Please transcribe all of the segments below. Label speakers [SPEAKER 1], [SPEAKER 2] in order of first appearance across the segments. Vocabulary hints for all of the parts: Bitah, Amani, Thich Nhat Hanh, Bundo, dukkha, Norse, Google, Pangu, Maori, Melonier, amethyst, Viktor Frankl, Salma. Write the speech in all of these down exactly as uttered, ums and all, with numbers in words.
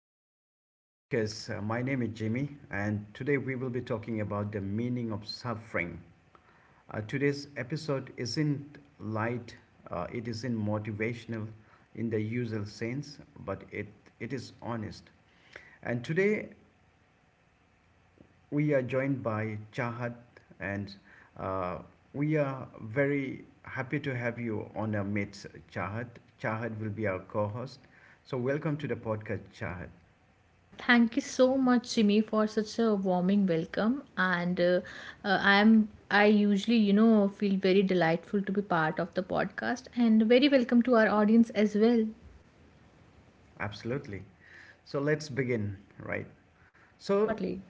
[SPEAKER 1] back to the podcast. Uh, my name is Jimmy, and today we will be talking about the meaning of suffering. Uh, today's episode isn't light, uh, it isn't motivational in the usual sense, but it, it is honest. And today we are joined by Chahat, and uh, we are very happy to have you on our midst, Chahat. Chahat will be our co host. So, welcome to the podcast, Chahat.
[SPEAKER 2] Uh, thank you so much, Jimmy, for such a warming welcome. And uh, uh, I'm I usually, you know, feel very delightful to be part of the podcast, and very welcome to our audience as well.
[SPEAKER 1] Absolutely. So let's begin, right? So
[SPEAKER 2] Surely.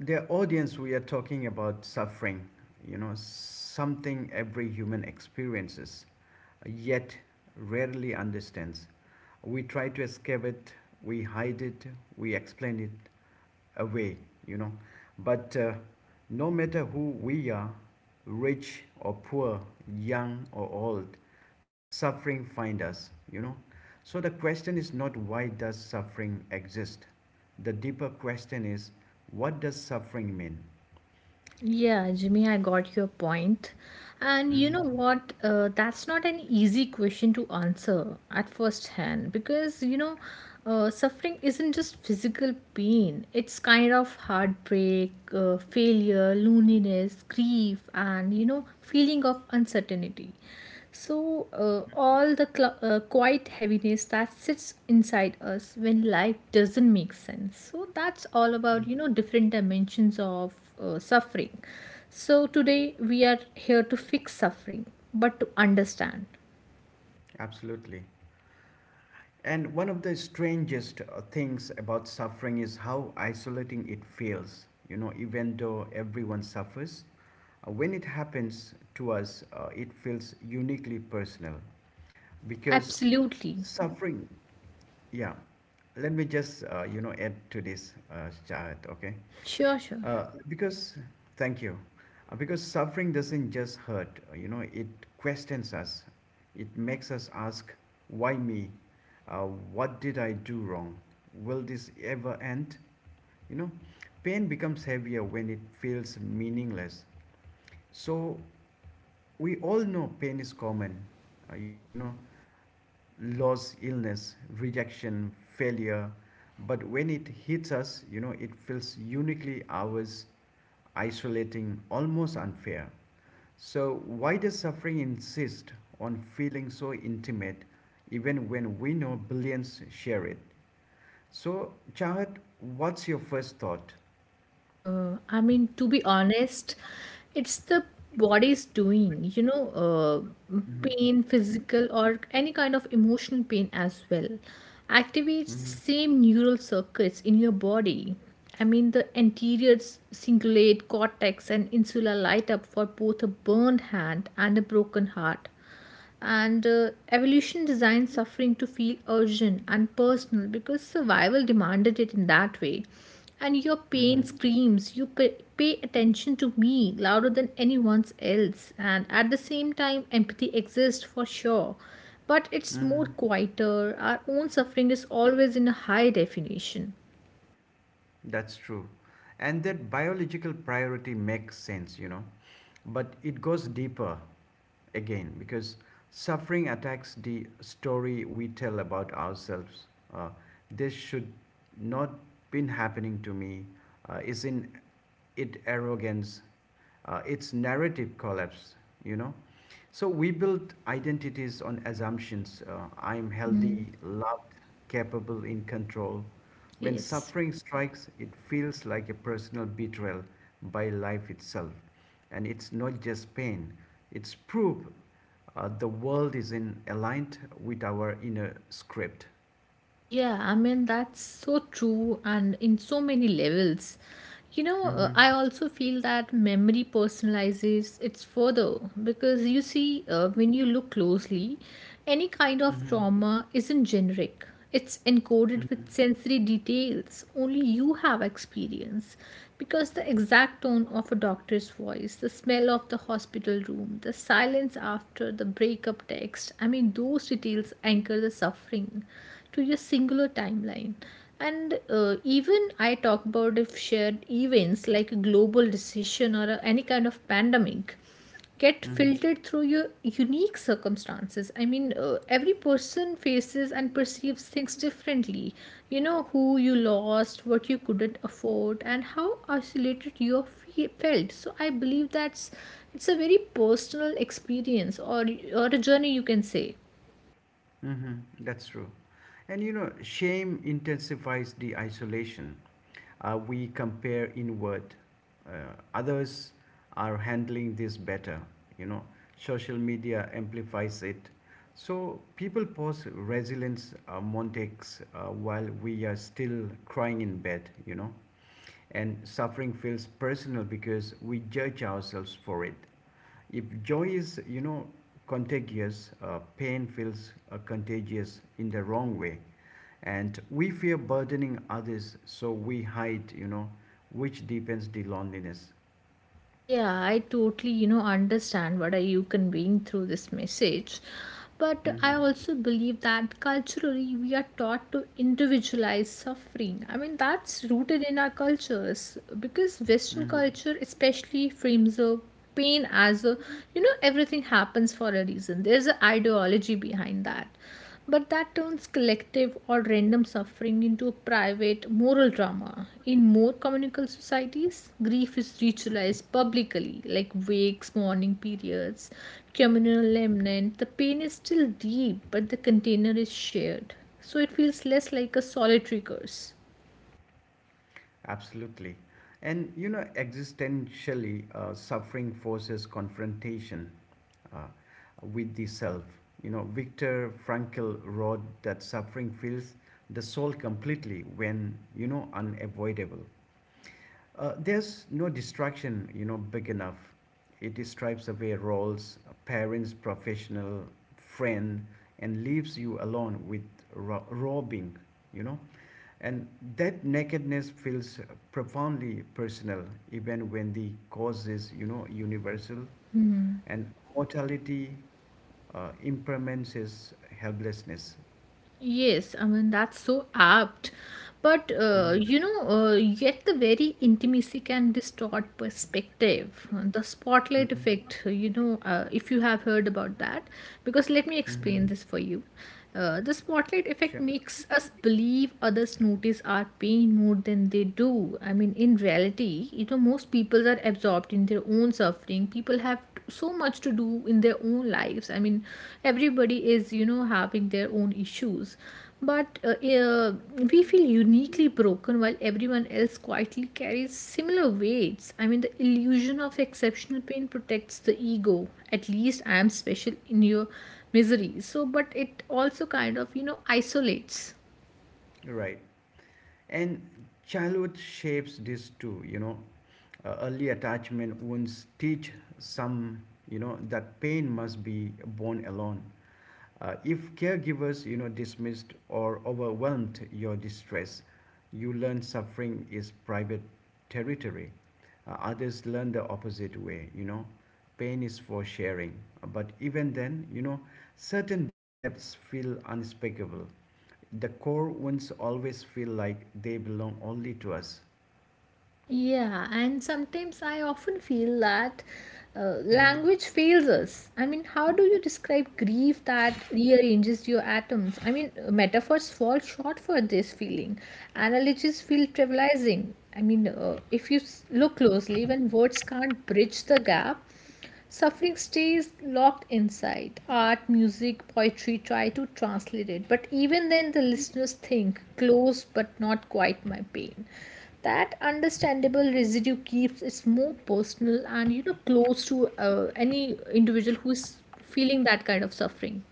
[SPEAKER 1] the audience we are talking about suffering, you know, something every human experiences, yet rarely understands. We try to escape it, we hide it, we explain it, away, you know. But uh, no matter who we are, rich or poor, young or old, suffering find us, you know. So the question is not, why does suffering exist? The deeper question is, what does suffering mean?
[SPEAKER 2] Yeah, Jimmy, I got your point. And you know
[SPEAKER 1] Hmm.
[SPEAKER 2] what? Uh, that's not an easy question to answer at first hand because you know, uh, suffering isn't just physical pain, it's kind of heartbreak, uh, failure, loneliness, grief, and, you know, feeling of uncertainty. So, uh, all the cl- uh, quiet heaviness that sits inside us when life doesn't make sense. So, that's all about, you know, different dimensions of uh, suffering. So, today we are here to fix suffering, but to understand.
[SPEAKER 1] Absolutely. And one of the strangest uh, things about suffering is how isolating it feels. You know, even though everyone suffers, Uh, when it happens to us, uh, it feels uniquely personal because
[SPEAKER 2] Absolutely.
[SPEAKER 1] suffering, yeah, let me just, uh, you know, add to this, uh, Shahid, okay?
[SPEAKER 2] Sure, sure.
[SPEAKER 1] Uh, because, thank you. Uh, because suffering doesn't just hurt, uh, you know, it questions us. It makes us ask, why me? Uh, what did I do wrong? Will this ever end? You know, pain becomes heavier when it feels meaningless. So we all know pain is common, uh, you know, loss, illness, rejection, failure. But when it hits us, you know, it feels uniquely ours, isolating, almost unfair. So, why does suffering insist on feeling so intimate even when we know billions share it? So, Chahat, what's your first thought?
[SPEAKER 2] Uh, I mean, to be honest, it's the body's doing, you know, uh,
[SPEAKER 1] Mm-hmm.
[SPEAKER 2] pain, physical, or any kind of emotional pain as well. Activates the same neural circuits in your body. I mean, the anterior s- cingulate cortex and insula light up for both a burned hand and a broken heart, and uh, evolution designed suffering to feel urgent and personal because survival demanded it in that way. And your pain screams, you pay, pay attention to me louder than anyone's else. And at the same time empathy exists for sure, but it's more
[SPEAKER 1] Mm-hmm.
[SPEAKER 2] quieter. Our own suffering is always in a high definition.
[SPEAKER 1] That's true. And that biological priority makes sense, you know. But it goes deeper again because suffering attacks the story we tell about ourselves. Uh, this should not been happening to me. Uh, isn't it arrogance? Uh, its narrative collapse, you know. So we build identities on assumptions. Uh, I am
[SPEAKER 2] Hmm.
[SPEAKER 1] healthy, loved, capable, in control. When
[SPEAKER 2] Yes.
[SPEAKER 1] suffering strikes, it feels like a personal betrayal by life itself. And it's not just pain, it's proof uh, the world is in aligned with our inner script.
[SPEAKER 2] Yeah, I mean, that's so true, and in so many levels. You know, uh,
[SPEAKER 1] Mm-hmm.
[SPEAKER 2] I also feel that memory personalizes it's further because you see, uh, when you look closely, any kind of
[SPEAKER 1] Mm-hmm.
[SPEAKER 2] trauma isn't generic. It's encoded
[SPEAKER 1] Mm-hmm.
[SPEAKER 2] with sensory details only you have experience because the exact tone of a doctor's voice, the smell of the hospital room, the silence after the breakup text. I mean, those details anchor the suffering to your singular timeline. And uh, even I talk about if shared events like a global decision or a, any kind of pandemic get
[SPEAKER 1] Mm-hmm.
[SPEAKER 2] filtered through your unique circumstances. I mean, uh, every person faces and perceives things differently, you know, who you lost, what you couldn't afford, and how isolated you fe- felt. So I believe that's, it's a very personal experience, or or a journey, you can say.
[SPEAKER 1] Mm-hmm. That's true. And you know, shame intensifies the isolation. Uh, we compare inward. Uh, Others are handling this better, you know. Social media amplifies it. So people post resilience uh, Montex uh, while we are still crying in bed, you know. And suffering feels personal because we judge ourselves for it. If joy is, you know, contagious, uh, pain feels uh, contagious in the wrong way, and we fear burdening others, so we hide, you know, which deepens the loneliness.
[SPEAKER 2] Yeah, I totally, you know, understand what are you conveying through this message. But I
[SPEAKER 1] Hmm.
[SPEAKER 2] also believe that culturally we are taught to individualize suffering. I mean, that's rooted in our cultures because Western
[SPEAKER 1] Hmm.
[SPEAKER 2] culture especially frames the pain as a, you know, everything happens for a reason. There's an ideology behind that. But that turns collective or random suffering into a private moral drama. In more communal societies, grief is ritualized publicly, like wakes, mourning periods, communal lament. The pain is still deep, but the container is shared. So it feels less like a solitary curse.
[SPEAKER 1] Absolutely. And you know existentially, uh, suffering forces confrontation uh, with the self, you know. Viktor Frankl wrote that suffering fills the soul completely when, you know, unavoidable. Uh, there's no distraction, you know, big enough. It stripes away roles, parents, professional, friend, and leaves you alone with ro- raw being, you know. And that nakedness feels profoundly personal, even when the cause is, you know, universal. And mortality, uh, impermanence is helplessness.
[SPEAKER 2] Yes, I mean that's so apt. But uh,
[SPEAKER 1] Hmm.
[SPEAKER 2] you know, uh, yet the very intimacy can distort perspective. The spotlight
[SPEAKER 1] Hmm.
[SPEAKER 2] effect, you know, uh, if you have heard about that, because let me
[SPEAKER 1] Hmm.
[SPEAKER 2] explain this for you. Uh, the spotlight
[SPEAKER 1] Sure.
[SPEAKER 2] effect makes us believe others notice our pain more than they do. I mean, in reality, you know, most people are absorbed in their their own suffering. People have so much to do in their own lives. I mean, everybody is, you know, having their own issues, but uh, uh, we feel uniquely broken while everyone else quietly carries similar weights. I mean, the illusion of exceptional pain protects the ego. At least I am special in your misery. So but it also kind of, you know, isolates.
[SPEAKER 1] Right. And childhood shapes this too, you know. Uh, early attachment wounds teach some, you know, that pain must be borne alone. Uh, if caregivers, you know, dismissed or overwhelmed your distress, you learn suffering is private territory. Uh, others learn the opposite way, you know, pain is for sharing, but even then, you know, certain depths feel unspeakable. The core wounds always feel like they belong only to us.
[SPEAKER 2] Yeah, and sometimes I often feel that uh,
[SPEAKER 1] Hmm.
[SPEAKER 2] language fails us. I mean, how do you describe grief that rearranges your atoms? I mean, uh, metaphors fall short for this feeling. Analogies feel trivializing. I mean, uh, if you s- look closely, when words can't bridge the gap, suffering stays locked inside. Art, music, poetry try to translate it, but even then, the listeners think, close but not quite my pain. That understandable residue keeps it more personal and, you know, close to uh, any individual who is feeling that kind of suffering.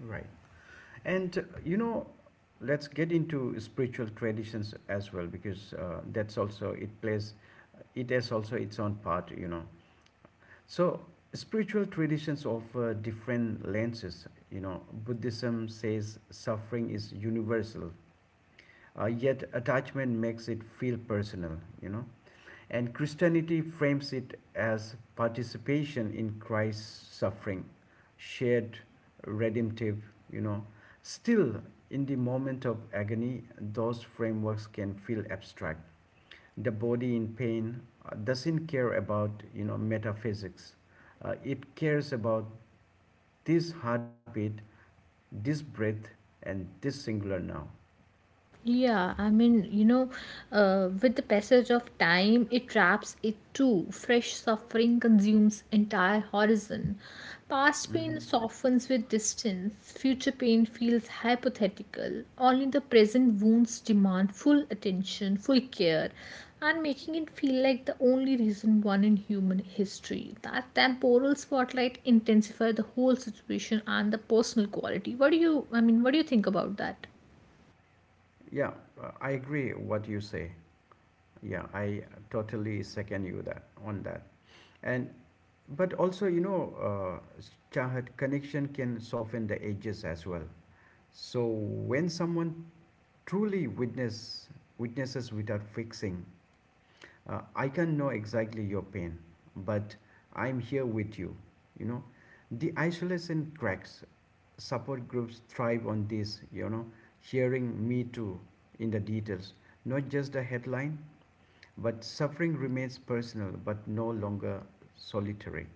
[SPEAKER 1] Right. And uh, you know, let's get into spiritual traditions as well, because uh, that's also it plays, it has also its own part. You know, so spiritual traditions offer different lenses. You know, Buddhism says suffering is universal, uh, yet attachment makes it feel personal. You know, and Christianity frames it as participation in Christ's suffering, shared redemptive, you know. Still, in the moment of agony, those frameworks can feel abstract. The body in pain uh, doesn't care about, you know, metaphysics. Uh, it cares about this heartbeat, this breath, and this singular now.
[SPEAKER 2] Yeah, I mean, you know, uh, with the passage of time, it wraps it too. Fresh suffering consumes entire horizon. Past pain
[SPEAKER 1] Hmm.
[SPEAKER 2] softens with distance. Future pain feels hypothetical. Only the present wounds demand full attention, full care, and making it feel like the only reason one in human history. That temporal spotlight intensifies the whole situation and the personal quality. What do you, I mean, what do you think about that?
[SPEAKER 1] Yeah, uh, I agree what you say. Yeah, I totally second you that on that. And but also, you know, uh, Chahat connection can soften the edges as well. So when someone truly witness witnesses without fixing, uh, I can know exactly your pain, but I'm here with you. You know, the isolation cracks. Support groups thrive on this. You know, hearing me too in the details, not just the headline. But suffering remains personal, but no longer solitary.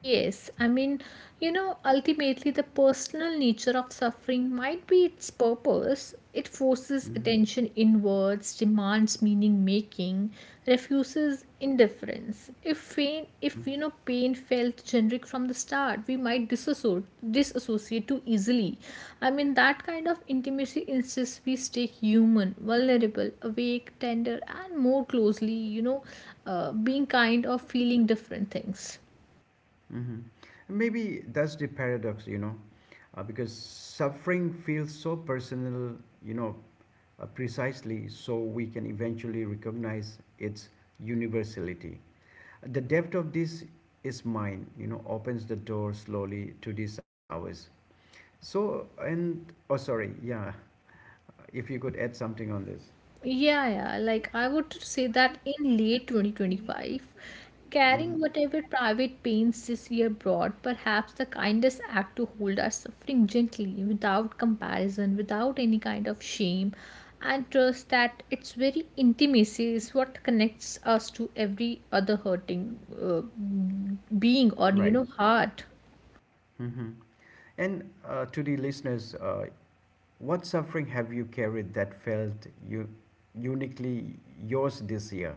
[SPEAKER 2] Yes, I mean, you know, ultimately the personal nature of suffering might be its purpose. It forces
[SPEAKER 1] Mhm.
[SPEAKER 2] attention inwards, demands meaning making, refuses indifference. If pain, if you know, pain felt generic from the start, we might disassociate, disassociate too easily. I mean, that kind of intimacy insists we stay human, vulnerable, awake, tender, and more closely, you know, uh, being kind or feeling different things.
[SPEAKER 1] Hmm. Maybe that's the paradox, you know, uh, because suffering feels so personal, you know, uh, precisely so we can eventually recognize its universality. The depth of this is mine, you know, opens the door slowly to these hours. So, and, oh, sorry, yeah, if you could add something on this.
[SPEAKER 2] Yeah, yeah. Like I would say that in late twenty twenty-five,
[SPEAKER 1] Hmm.
[SPEAKER 2] carrying whatever private pains this year brought, perhaps the kindest act to hold our suffering gently, without comparison, without any kind of shame, and trust that its very intimacy is what connects us to every other hurting uh, being or, you
[SPEAKER 1] Right.
[SPEAKER 2] know, heart.
[SPEAKER 1] Hmm. And uh, to the listeners, uh, what suffering have you carried that felt you, uniquely yours this year?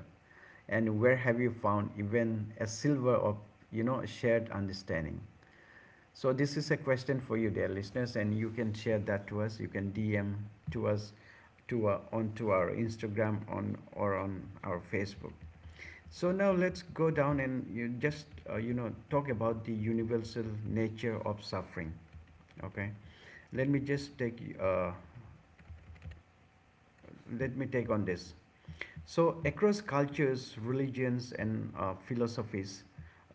[SPEAKER 1] And where have you found even a silver of, you know, shared understanding? So this is a question for you, dear listeners, and you can share that to us. You can D M to us to our, onto our Instagram on or on our Facebook. So now let's go down and you just uh, you know talk about the universal nature of suffering. Okay, let me just take uh, let me take on this. So, across cultures, religions, and uh, philosophies,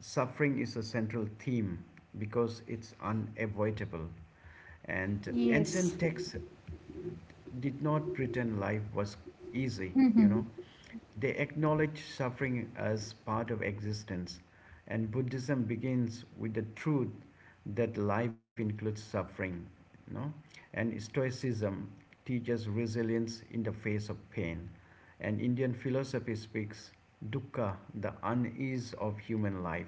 [SPEAKER 1] suffering is a central theme because it's unavoidable. And
[SPEAKER 2] Yes.
[SPEAKER 1] ancient texts did not pretend life was easy, you know. They acknowledge suffering as part of existence, and Buddhism begins with the truth that life includes suffering. You know? And Stoicism teaches resilience in the face of pain. And Indian philosophy speaks dukkha, the unease of human life.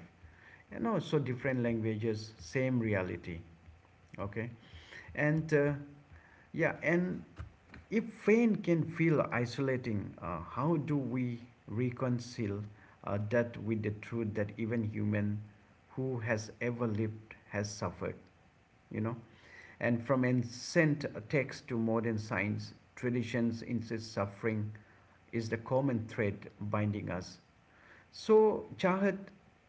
[SPEAKER 1] And also different languages, same reality. Okay, and uh, yeah, and if pain can feel isolating, uh, how do we reconcile uh, that with the truth that even human who has ever lived has suffered? You know, and from ancient texts to modern science, traditions insist suffering is the common thread binding us. So, Chahat,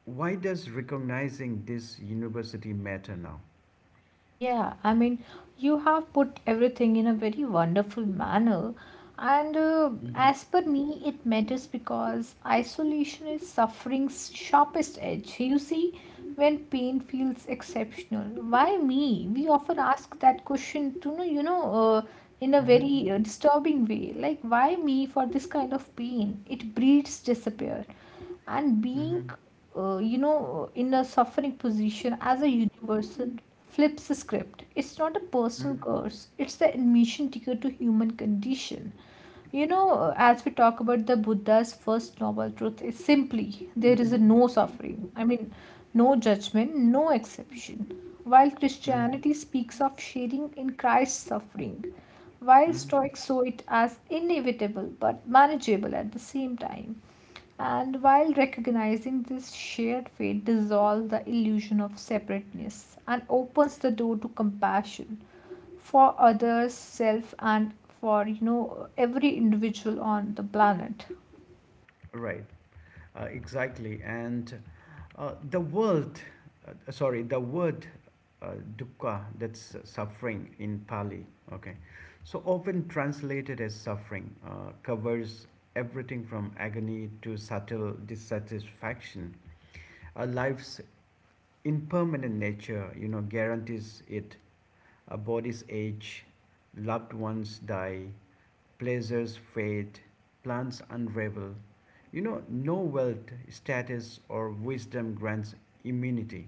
[SPEAKER 1] why does recognizing this university matter now?
[SPEAKER 2] Yeah, I mean, you have put everything in a very wonderful manner. And uh,
[SPEAKER 1] Mhm.
[SPEAKER 2] as per me, it matters because isolation is suffering's sharpest edge. You see, when pain feels exceptional, why me? We often ask that question to know, you know, uh, in a very uh, disturbing way. Like, why me for this kind of pain? It breeds despair. And being, uh, you know, in a suffering position as a universal flips the script. It's not a personal
[SPEAKER 1] Mhm.
[SPEAKER 2] curse, it's the admission ticket to human condition. You know, as we talk about the Buddha's first noble truth, is simply there is a no suffering. I mean, no judgment, no exception. While
[SPEAKER 1] Mhm.
[SPEAKER 2] Christianity speaks of sharing in Christ's suffering, while
[SPEAKER 1] Mhm.
[SPEAKER 2] Stoics saw it as inevitable but manageable at the same time, and while recognizing this shared fate dissolves the illusion of separateness and opens the door to compassion for others, self, and for, you know, every individual on the planet.
[SPEAKER 1] Right. Uh, exactly. And uh, the world, uh, sorry, the word uh, dukkha, that's uh, suffering in Pali, okay, so often translated as suffering, uh, covers everything from agony to subtle dissatisfaction. A life's impermanent nature, you know, guarantees it. A body's age, loved ones die, pleasures fade, plans unravel. You know, no wealth, status, or wisdom grants immunity.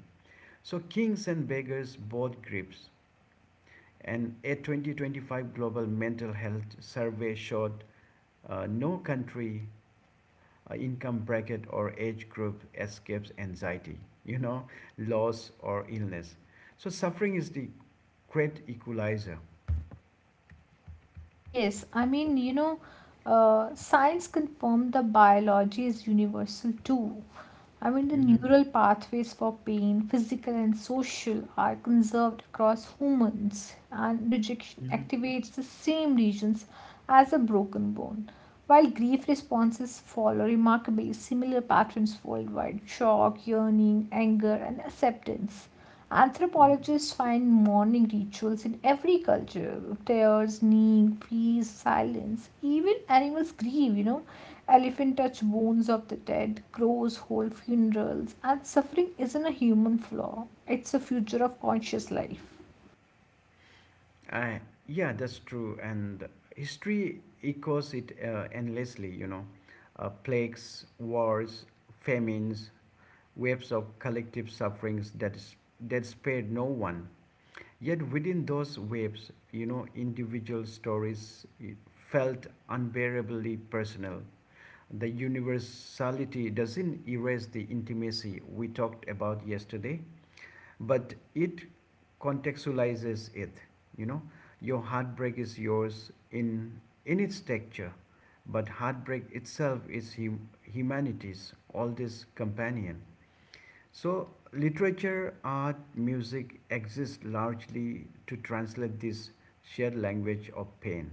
[SPEAKER 1] So kings and beggars both grips. And a twenty twenty-five global mental health survey showed uh, no country, uh, income bracket, or age group escapes anxiety, you know, loss or illness. So suffering is the great equalizer.
[SPEAKER 2] Yes, I mean, you know, uh, science confirmed the biology is universal too. I mean, the
[SPEAKER 1] Hmm.
[SPEAKER 2] neural pathways for pain, physical and social, are conserved across humans, and rejection
[SPEAKER 1] Hmm.
[SPEAKER 2] activates the same regions as a broken bone. While grief responses follow remarkably similar patterns worldwide: shock, yearning, anger, and acceptance.
[SPEAKER 1] Hmm.
[SPEAKER 2] Anthropologists find mourning rituals in every culture: tears, kneeling, freeze, silence. Even animals grieve, you know. Elephant touch bones of the dead, crows hold funerals, and suffering isn't a human flaw, it's a future of conscious life.
[SPEAKER 1] Uh, yeah, that's true. And history echoes it uh, endlessly, you know. Uh, plagues, wars, famines, waves of collective sufferings that, is, that spared no one. Yet within those waves, you know, individual stories eh, felt unbearably personal. The universality doesn't erase the intimacy we talked about yesterday, but it contextualizes it, you know. Your heartbreak is yours in in its texture, but heartbreak itself is hum- humanity's oldest companion. So literature, art, music exist largely to translate this shared language of pain.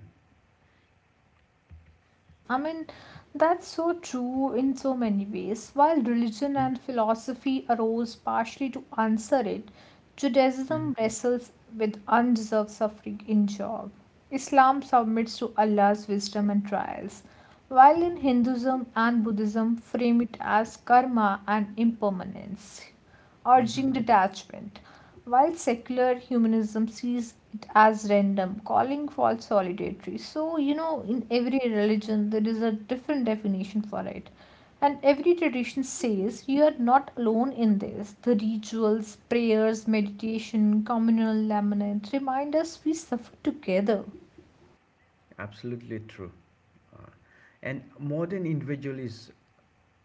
[SPEAKER 2] Yes, I mean, that's so true in so many ways. While religion and philosophy arose partially to answer it, Judaism wrestles with undeserved suffering in Job. Islam submits to Allah's wisdom and trials, while in Hinduism and Buddhism frame it as karma and impermanence urging detachment, while secular humanism sees it as random, calling for solitary. So, you know, in every religion, there is a different definition for it. And every tradition says you are not alone in this. The rituals, prayers, meditation, communal lament remind us we suffer together.
[SPEAKER 1] Absolutely true. uh, and modern individual is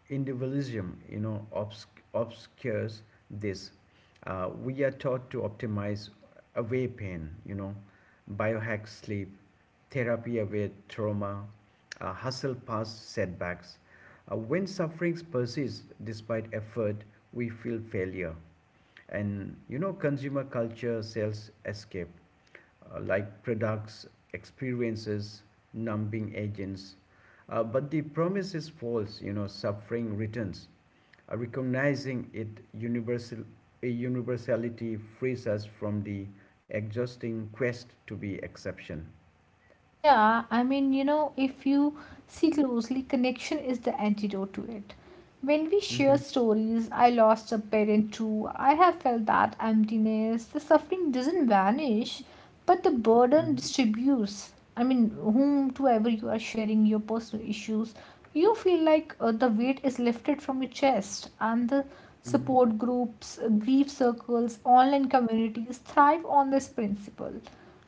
[SPEAKER 1] individualism, you know, obs- obscures this. Uh, we are taught to optimize away pain, you know, biohack sleep, therapy away trauma, uh, hustle past setbacks. Uh, when sufferings persist despite effort, we feel failure. And you know, consumer culture sells escape, uh, like products, experiences, numbing agents. Uh, but the promise is false, you know, suffering returns. Uh, recognizing it universal, a universality frees us from the exhausting quest to be exception.
[SPEAKER 2] Yeah, I mean, you know, if you see closely, connection is the antidote to it. When we share
[SPEAKER 1] Mm-hmm.
[SPEAKER 2] stories, I lost a parent too, I have felt that emptiness, the suffering doesn't vanish, but the burden distributes. I mean, whomsoever you are sharing your personal issues, you feel like uh, the weight is lifted from your chest, and the
[SPEAKER 1] Mm-hmm.
[SPEAKER 2] support groups, uh, grief circles, online communities thrive on this principle.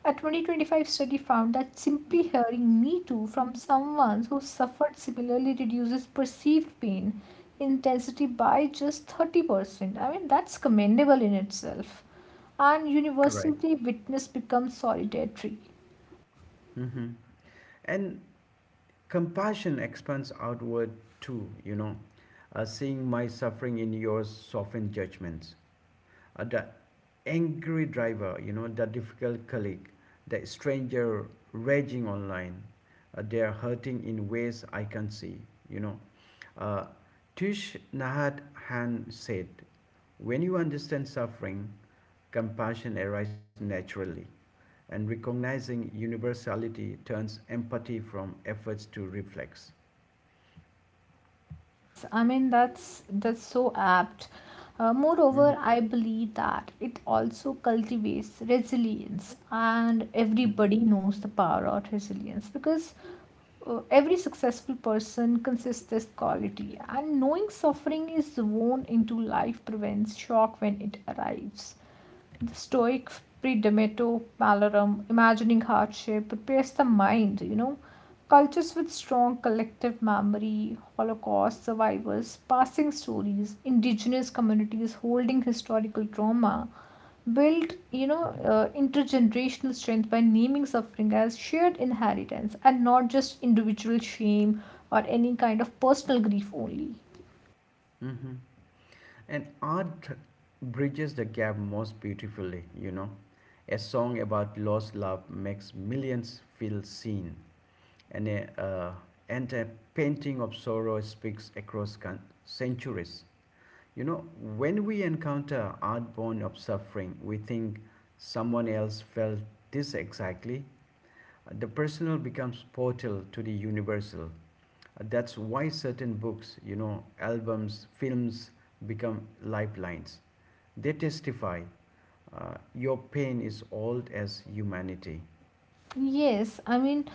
[SPEAKER 2] A twenty twenty-five study found that simply hearing Me Too from someone who suffered similarly reduces perceived pain intensity by just thirty percent. I mean, that's commendable in itself. And
[SPEAKER 1] Right.
[SPEAKER 2] universally, witness becomes solitary.
[SPEAKER 1] Mm-hmm. And compassion expands outward too, you know. Uh, seeing my suffering in yours soften judgments. Uh, the angry driver, you know, the difficult colleague, the stranger raging online. Uh, they are hurting in ways I can see, you know. Uh, Tish Nahat Han said, when you understand suffering, compassion arises naturally, and recognizing universality turns empathy from efforts to reflex.
[SPEAKER 2] Yes, I mean that's that's so apt. Uh,
[SPEAKER 1] Mm-hmm.
[SPEAKER 2] moreover, I believe that it also cultivates resilience, and everybody knows the power of resilience because uh, every successful person consists this quality, and knowing suffering is woven into life prevents shock when it arrives. The Stoic Predemeto Malorum, imagining hardship, prepares the mind, you know. Cultures with strong collective memory, Holocaust survivors, passing stories, indigenous communities holding historical trauma, build, you know, uh, intergenerational strength by naming suffering as shared inheritance and not just individual shame or any kind of personal grief only.
[SPEAKER 1] Mm-hmm. And art bridges the gap most beautifully, you know. A song about lost love makes millions feel seen, and a, uh, and a painting of sorrow speaks across centuries. You know, when we encounter art born of suffering, we think someone else felt this exactly. The personal becomes portal to the universal. That's why certain books, you know, albums, films become lifelines. They testify, uh, your pain is old as humanity.
[SPEAKER 2] Yes, I mean,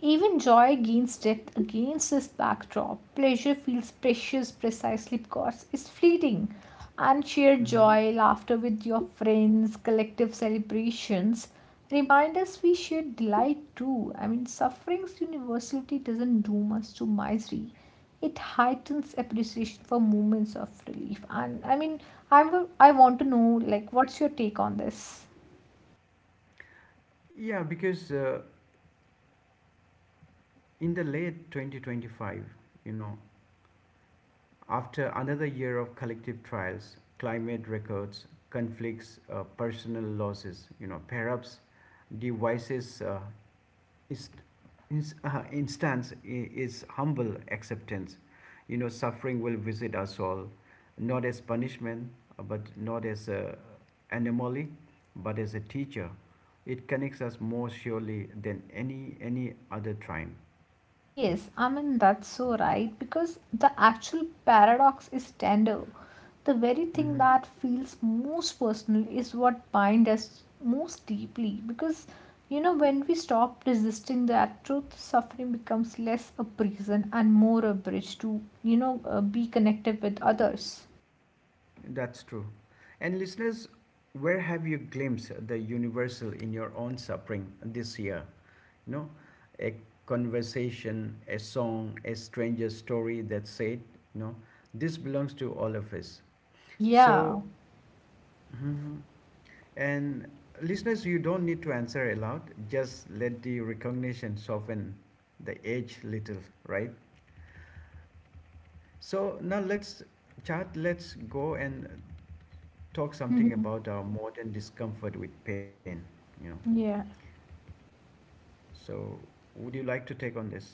[SPEAKER 2] even joy gains depth against this backdrop. Pleasure feels precious precisely because it's fleeting. And shared joy, laughter with your friends, collective celebrations remind us we share delight too. I mean, suffering's universality doesn't doom us to misery. It heightens appreciation for moments of relief. And I mean, I, w- I want to know, like, what's your take on this?
[SPEAKER 1] Yeah, because uh, in the late twenty twenty-five, you know, after another year of collective trials, climate records, conflicts, uh, personal losses, you know, perhaps devices uh, is, is uh, instance is humble acceptance. You know, suffering will visit us all, not as punishment, uh, but not as a anomaly, but as a teacher. It connects us more surely than any any other time.
[SPEAKER 2] Yes, I mean, that's so right because the actual paradox is tender. The very thing
[SPEAKER 1] Hmm.
[SPEAKER 2] that feels most personal is what binds us most deeply because, you know, when we stop resisting that truth, suffering becomes less a prison and more a bridge to, you know, uh, be connected with others.
[SPEAKER 1] That's true. And listeners, where have you glimpsed the universal in your own suffering this year? you know, a conversation, a song, a stranger story that said, you know, this belongs to all of us. So,
[SPEAKER 2] Yeah.
[SPEAKER 1] mhm, and listeners, you don't need to answer aloud. Just let the recognition soften the edge little, right? So now let's chat. Let's go and talk something about our modern discomfort with pain. You know,
[SPEAKER 2] Yeah.
[SPEAKER 1] so would you like to take on this?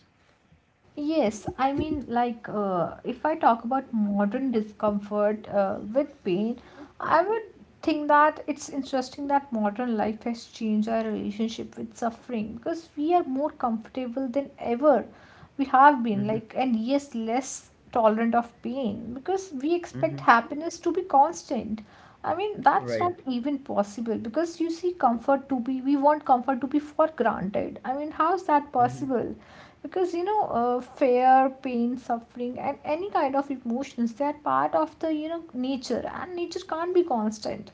[SPEAKER 2] Yes, I mean, like, uh, if I talk about modern discomfort uh, with pain, I would think that it's interesting that modern life has changed our relationship with suffering because we are more comfortable than ever we have been,
[SPEAKER 1] Mm-hmm.
[SPEAKER 2] like, and yes, less tolerant of pain because we expect
[SPEAKER 1] Mm-hmm.
[SPEAKER 2] happiness to be constant. I mean, that's
[SPEAKER 1] Right.
[SPEAKER 2] not even possible because, you see, comfort to be, we want comfort to be for granted. I mean, how is that
[SPEAKER 1] Mm-hmm.
[SPEAKER 2] possible? Because, you know uh, fear, pain, suffering, and any kind of emotions, they are part of the you know nature, and nature can't be constant.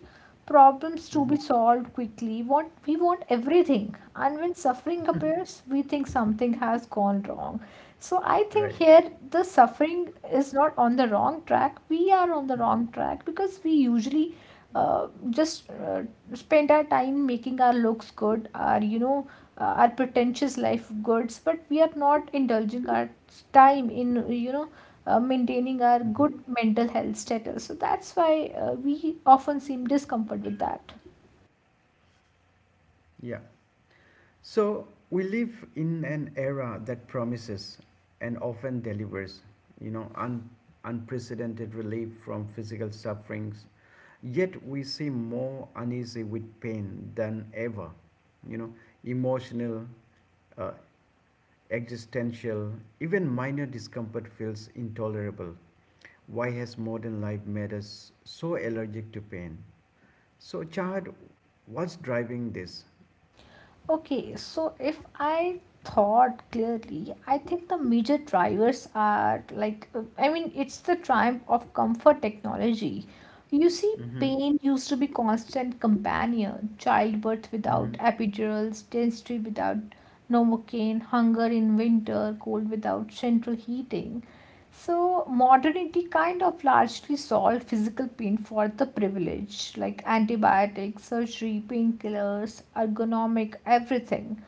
[SPEAKER 2] Problems to
[SPEAKER 1] Mm-hmm.
[SPEAKER 2] be solved quickly, want we want everything, and when suffering appears, we think something has gone wrong. So I think
[SPEAKER 1] Right.
[SPEAKER 2] here the suffering is not on the wrong track, we are on the wrong track because we usually uh, just uh, spend our time making our looks good, our you know uh, our pretentious life goods, but we are not indulging our time in you know uh, maintaining our good mental health status. So that's why uh, we often seem discomfort with that.
[SPEAKER 1] Yeah. So we live in an era that promises and often delivers, you know, un- unprecedented relief from physical sufferings. Yet we seem more uneasy with pain than ever, you know, emotional, uh, existential, even minor discomfort feels intolerable. Why has modern life made us so allergic to pain? So, Chad, what's driving this?
[SPEAKER 2] Okay, so if I thought clearly, I think the major drivers are like, uh, I mean, it's the triumph of comfort technology. You see,
[SPEAKER 1] Mm-hmm.
[SPEAKER 2] pain used to be constant companion, childbirth without
[SPEAKER 1] Mm-hmm.
[SPEAKER 2] epidurals, dentistry without novocaine, hunger in winter, cold without central heating. So modernity kind of largely solved physical pain for the privileged, like antibiotics, surgery, painkillers, ergonomic, everything.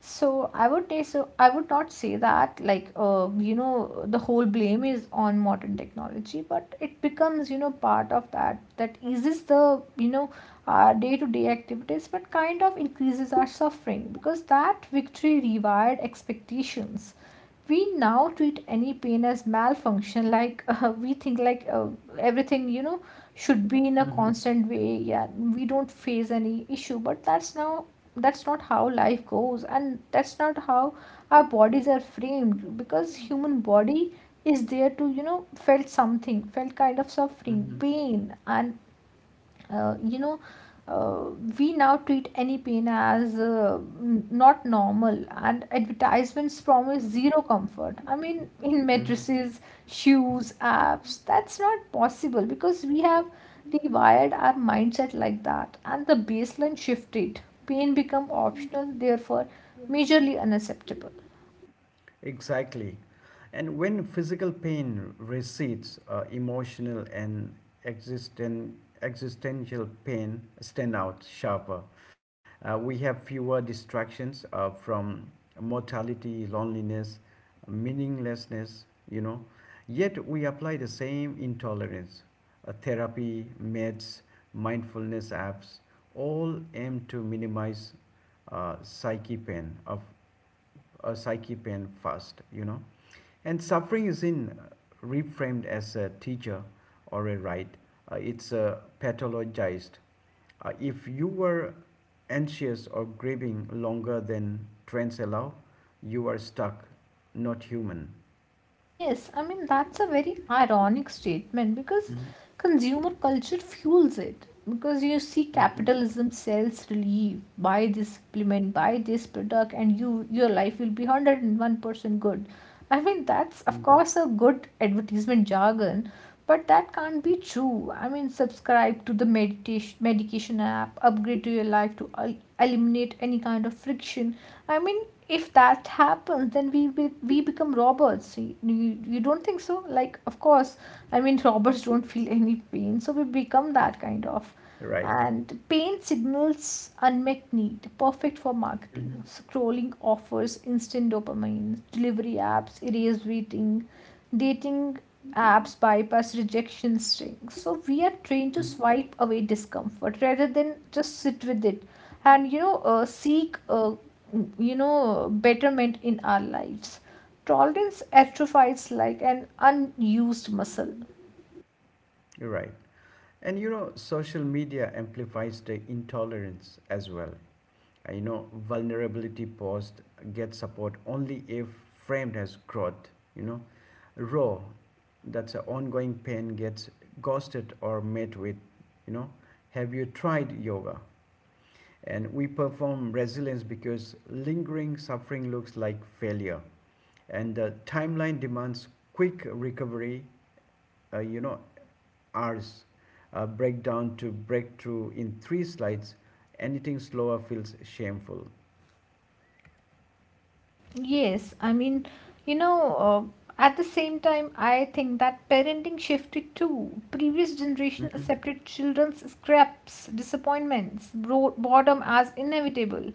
[SPEAKER 2] So I would say so I would not say that, like, uh, you know the whole blame is on modern technology, but it becomes, you know part of that that eases the, you know our day to day activities, but kind of increases our suffering because that victory rewired expectations. We now treat any pain as malfunction, like, uh, we think, like, uh, everything, you know should be in a
[SPEAKER 1] Mhm,
[SPEAKER 2] constant way. Yeah, we don't face any issue, but that's now that's not how life goes, and that's not how our bodies are framed because human body is there to, you know felt something, felt kind of suffering,
[SPEAKER 1] mhm,
[SPEAKER 2] pain, and uh, you know uh, we now treat any pain as uh, n- not normal. And advertisements promise zero comfort, I mean in
[SPEAKER 1] mhm.
[SPEAKER 2] mattresses, shoes, apps. That's not possible because we have rewired our mindset like that, and the baseline shifted. Pain become optional, therefore majorly unacceptable.
[SPEAKER 1] Exactly. And when physical pain recedes, uh, emotional and existen- existential pain stand out sharper. Uh, we have fewer distractions uh, from mortality, loneliness, meaninglessness, you know. Yet we apply the same intolerance. Uh, therapy, meds, mindfulness apps all aim to minimize uh, psyche pain of uh, psyche pain first, you know. And suffering isn't reframed as a teacher or a right, uh, it's uh, pathologized. Uh, if you were anxious or grieving longer than trends allow, you are stuck, not human.
[SPEAKER 2] Yes, I mean, that's a very ironic statement because
[SPEAKER 1] Mhm,
[SPEAKER 2] consumer culture fuels it. Because, you see,
[SPEAKER 1] mhm,
[SPEAKER 2] capitalism sells relief, buy this supplement, buy this product, and you your life will be one hundred one percent good. I mean, that's of
[SPEAKER 1] mhm.
[SPEAKER 2] course a good advertisement jargon, but that can't be true. I mean, subscribe to the meditation medication app, upgrade to your life to el- eliminate any kind of friction. I mean, if that happens, then we be, we become robots. You, you, you don't think so, like, of course, I mean, robots don't feel any pain, so we become that kind of.
[SPEAKER 1] Right.
[SPEAKER 2] And pain signals unmet need, perfect for marketing.
[SPEAKER 1] Mhm,
[SPEAKER 2] Scrolling offers instant dopamine delivery, apps erase waiting, dating apps bypass rejection string. So we are trained to
[SPEAKER 1] mhm.
[SPEAKER 2] swipe away discomfort rather than just sit with it, and you know uh, seek, uh, you know betterment in our lives. Tolerance atrophies like an unused muscle.
[SPEAKER 1] Right. And you know, social media amplifies the intolerance as well. Uh, you know vulnerability paused, get support only if framed as growth, you know raw. That's an ongoing pain, gets ghosted or met with, you know have you tried yoga? And we perform resilience because lingering suffering looks like failure, and the timeline demands quick recovery, uh, you know hours, uh, breakdown to breakthrough in three slides. Anything slower feels shameful.
[SPEAKER 2] Yes, I mean, you know uh, at the same time I think that parenting shifted too. Previous generation
[SPEAKER 1] Mhm,
[SPEAKER 2] accepted children's scraps, disappointments, bro- boredom as inevitable,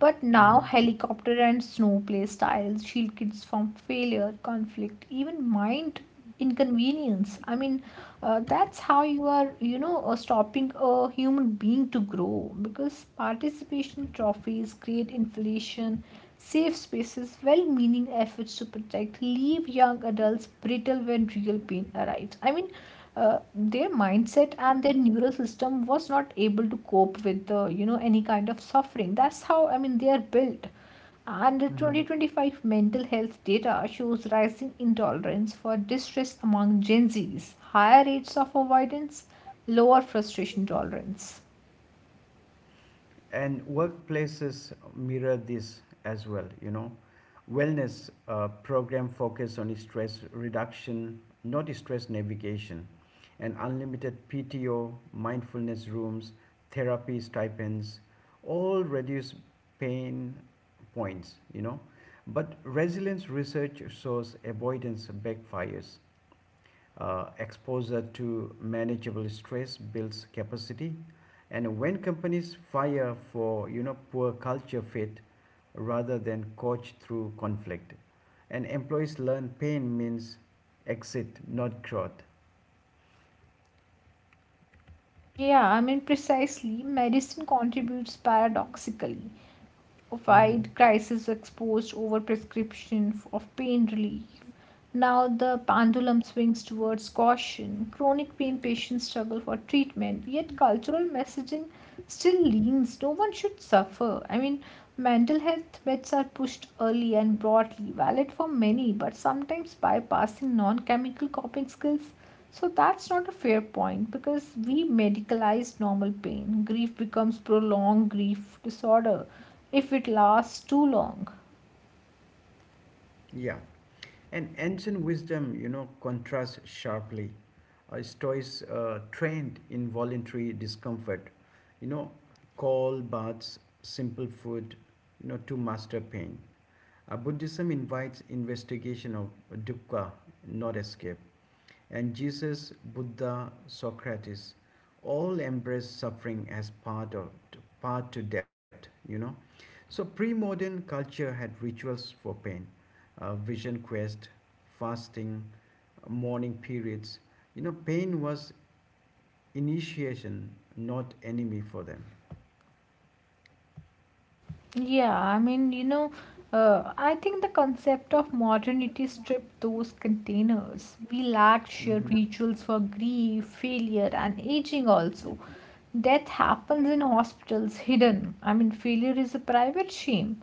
[SPEAKER 2] but now
[SPEAKER 1] mhm.
[SPEAKER 2] helicopter and snow play styles shield kids from failure, conflict, even mind inconvenience. I mean, uh, that's how you are, you know uh, stopping a human being to grow because participation trophies create inflation. Safe spaces, well meaning efforts to protect, leave young adults brittle when real pain arrives. I mean, uh, their mindset and their neural system was not able to cope with the, you know any kind of suffering. That's how, I mean, they are built. And the twenty twenty-five mental health data shows rising intolerance for distress among Gen Zs, higher rates of avoidance, lower frustration tolerance.
[SPEAKER 1] And workplaces mirror this as well, you know. Wellness uh, program focus on stress reduction, not stress navigation. And unlimited P T O, mindfulness rooms, therapy stipends, all reduce pain points, you know but resilience research shows avoidance backfires. Uh, exposure to manageable stress builds capacity. And when companies fire for you know poor culture fit rather than coach through conflict, and employees learn pain means exit, not growth.
[SPEAKER 2] Yeah, I mean, precisely, medicine contributes paradoxically.
[SPEAKER 1] Mm-hmm.
[SPEAKER 2] Opioid crisis exposed over prescription f- of pain relief. Now the pendulum swings towards caution. Chronic pain patients struggle for treatment, yet cultural messaging still leans no one should suffer. I mean, mental health meds are pushed early and broadly, valid for many, but sometimes bypassing non chemical coping skills, so that's not a fair point because we medicalize normal pain. Grief becomes prolonged grief disorder if it lasts too long.
[SPEAKER 1] Yeah, and ancient wisdom, you know, contrasts sharply. Uh, Stoics uh, trained in voluntary discomfort, you know, cold baths, simple food, you know, to master pain. Uh, Buddhism invites investigation of dukkha, not escape. And Jesus, Buddha, Socrates all embrace suffering as part of part to depth, you know. So pre-modern culture had rituals for pain, uh, vision quest, fasting, mourning periods. You know, pain was initiation, not enemy for them.
[SPEAKER 2] Yeah, I mean, you know, uh, I think the concept of modernity stripped those containers. We lack shared
[SPEAKER 1] Hmm.
[SPEAKER 2] rituals for grief, failure, and aging also. Death happens in hospitals, hidden. I mean, failure is a private shame.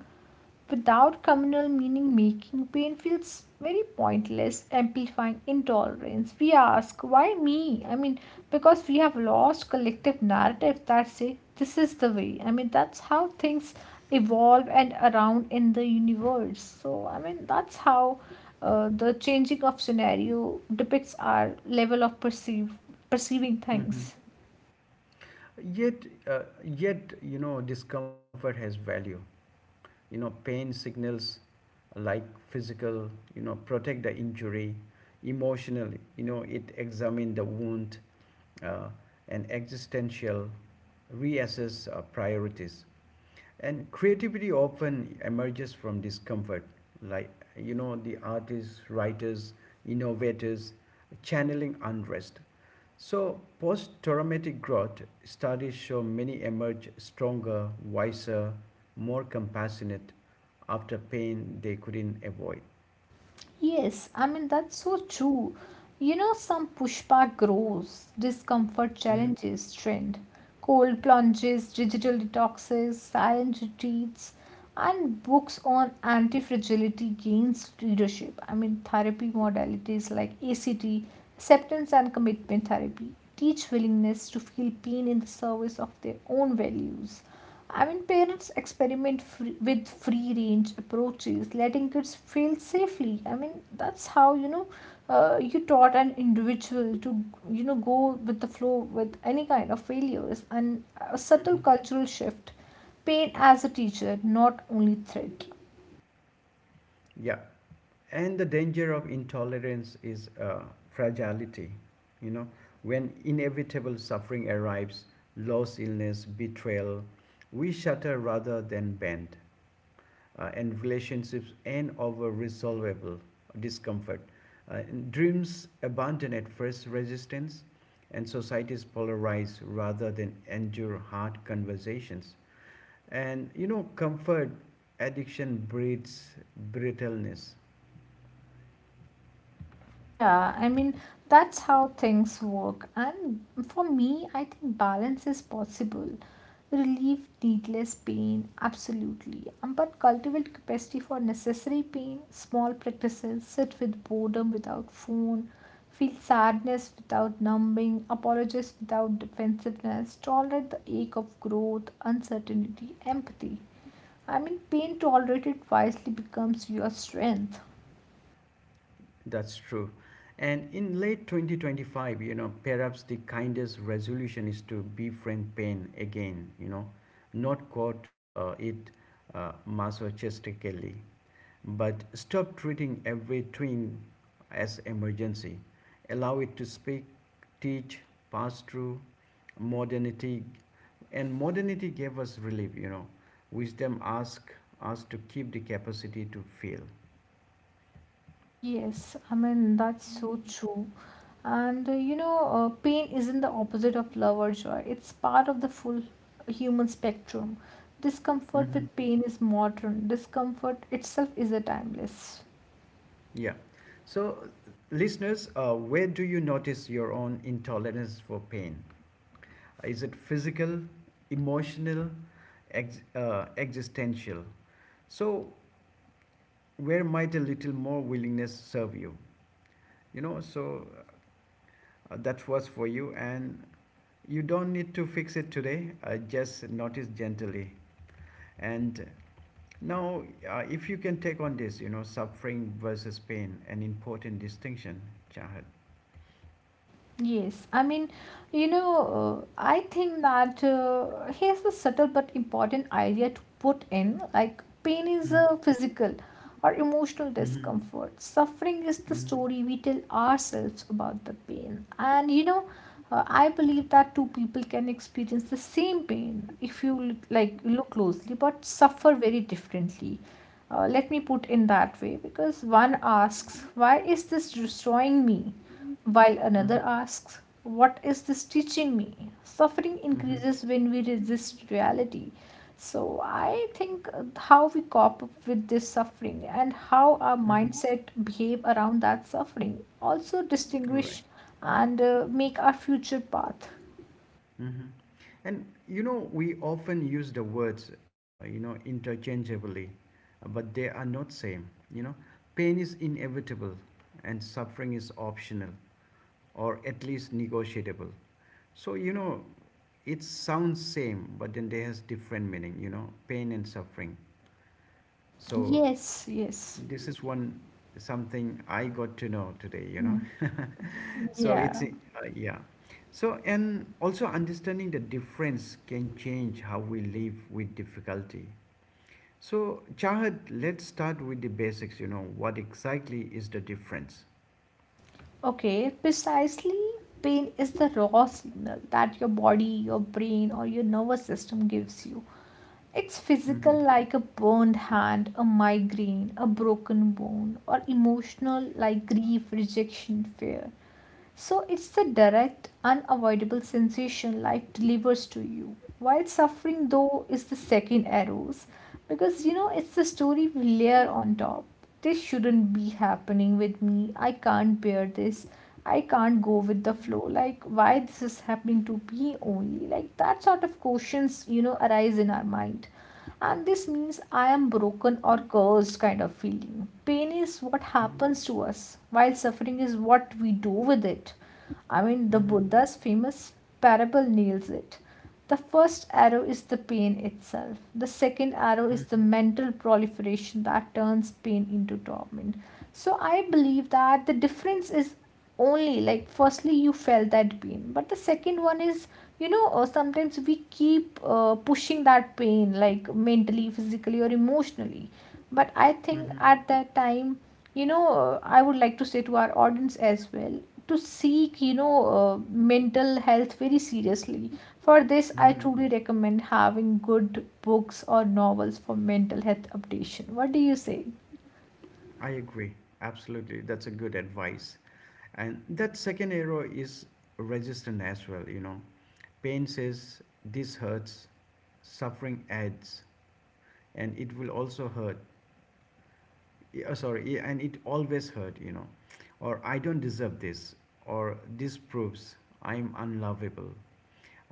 [SPEAKER 2] Without communal meaning making, pain feels very pointless, amplifying intolerance. We ask, why me? I mean, because we have lost collective narratives that say this is the way. I mean, that's how things evolve and around in the universe. So, I mean, that's how, uh, the changing of scenario depicts our level of perceive perceiving
[SPEAKER 1] Hmm.
[SPEAKER 2] things.
[SPEAKER 1] Yet, uh, yet you know, discomfort has value. You know, pain signals, like physical, you know protect the injury; emotional, you know it examine the wound; uh, and existential, reassess uh, priorities. And creativity often emerges from discomfort, like, you know the artists, writers, innovators channeling unrest. So, post traumatic growth studies show many emerge stronger, wiser, more compassionate after pain they couldn't avoid.
[SPEAKER 2] Yes, I mean, that's so true. You know, some pushback grows, discomfort
[SPEAKER 1] Mhm,
[SPEAKER 2] challenges trend, cold plunges, digital detoxes, silent retreats, and books on anti fragility gains readership. I mean, therapy modalities like ACT, acceptance and commitment therapy, teach willingness to feel pain in the service of their own values. I mean, parents experiment free, with free range approaches, letting kids fail safely. I mean, that's how, you know uh, you taught an individual to, you know go with the flow with any kind of failures and a subtle
[SPEAKER 1] mhm.
[SPEAKER 2] cultural shift. Pain as a teacher, not only threat.
[SPEAKER 1] Yeah, and the danger of intolerance is uh, fragility. You know, when inevitable suffering arrives, loss, illness, betrayal, we shatter rather than bend. uh, and relationships and over resolvable discomfort. Uh, dreams abandon at first resistance, and societies polarize rather than endure hard conversations. And you know, comfort addiction breeds brittleness.
[SPEAKER 2] Yeah, I mean, that's how things work. And for me, I think balance is possible. Relieve needless pain, absolutely. Um, But cultivate capacity for necessary pain, small practices, sit with boredom without phone, feel sadness without numbing, apologize without defensiveness, tolerate the ache of growth, uncertainty, empathy. I mean, pain tolerated wisely becomes your strength.
[SPEAKER 1] That's true. And in late twenty twenty-five, you know, perhaps the kindest resolution is to befriend pain again, you know, not quote uh, it uh, masochistically. But stop treating every twinge as emergency. Allow it to speak, teach, pass through modernity. And modernity gave us relief, you know. Wisdom asks us to keep the capacity to feel.
[SPEAKER 2] Yes, I mean, that's so true. And, uh, you know, uh, pain isn't the opposite of love or joy, it's part of the full human spectrum. Discomfort
[SPEAKER 1] Hmm.
[SPEAKER 2] with pain is modern, discomfort itself is a timeless.
[SPEAKER 1] Yeah. So, listeners, uh, where do you notice your own intolerance for pain? Is it physical, emotional, ex- uh, existential? So, where might a little more willingness serve you, you know so, uh, that was for you. And you don't need to fix it today, uh, just notice gently. And now, uh, if you can take on this, you know suffering versus pain, an important distinction, Chahat?
[SPEAKER 2] Yes, I mean, you know, uh, I think that, uh, here's a subtle but important idea to put in, like, pain is
[SPEAKER 1] Mm-hmm.
[SPEAKER 2] a physical or emotional discomfort. Suffering is the
[SPEAKER 1] Mm-hmm,
[SPEAKER 2] story we tell ourselves about the pain. And, you know, uh, I believe that two people can experience the same pain if you l- like look closely, but suffer very differently. Uh, let me put in that way because one asks, why is this destroying me? While another
[SPEAKER 1] mm-hmm,
[SPEAKER 2] asks, what is this teaching me? Suffering increases when we resist reality. So, I think, uh, how we cope up with this suffering and how our
[SPEAKER 1] mm-hmm.
[SPEAKER 2] mindset behave around that suffering also
[SPEAKER 1] Right.
[SPEAKER 2] distinguish and, uh, make our future path.
[SPEAKER 1] Hmm. And you know, we often use the words, uh, you know, interchangeably, uh, but they are not same. You know, pain is inevitable, and suffering is optional, or at least negotiable. So you know, it sounds same, but then they has different meaning. You know, pain and suffering. So
[SPEAKER 2] Yes, yes.
[SPEAKER 1] this is one something I got to know today, you know. So it's
[SPEAKER 2] Yeah.
[SPEAKER 1] uh, yeah. So and also understanding the difference can change how we live with difficulty. So Chahat, let's start with the basics. You know what exactly is the difference?
[SPEAKER 2] Okay, precisely. Pain is the raw signal that your body, your brain, or your nervous system gives you. It's
[SPEAKER 1] Hmm.
[SPEAKER 2] physical, like a burned hand, a migraine, a broken bone, or emotional, like grief, rejection, fear. So it's the direct, unavoidable sensation life delivers to you. While suffering, though, is the second arrows because, you know it's the story we layer on top. This shouldn't be happening with me. I can't bear this. I can't go with the flow. Like, why this is happening to me only? Like, that sort of questions, you know, arise in our mind. And this means I am broken or cursed kind of feeling. Pain is what
[SPEAKER 1] Hmm.
[SPEAKER 2] happens to us, while suffering is what we do with it. I mean, the
[SPEAKER 1] Hmm.
[SPEAKER 2] Buddha's famous parable nails it. The first arrow is the pain itself. The second arrow is the mental proliferation that turns pain into torment. So I believe that the difference is only, like, firstly you felt that pain, but the second one is, you know uh, sometimes we keep, uh, pushing that pain like mentally, physically, or emotionally. But I think,
[SPEAKER 1] Hmm.
[SPEAKER 2] at that time, you know uh, I would like to say to our audience as well, to seek, you know uh, mental health very seriously. For this I
[SPEAKER 1] Hmm.
[SPEAKER 2] truly recommend having good books or novels for mental health updation. What do you say?
[SPEAKER 1] I agree. Absolutely. That's a good advice. And that second arrow is resistant as well, you know. Pain says this hurts, suffering adds and it will also hurt, uh, sorry, yeah, and it always hurt, you know, or I don't deserve this, or this proves I'm unlovable.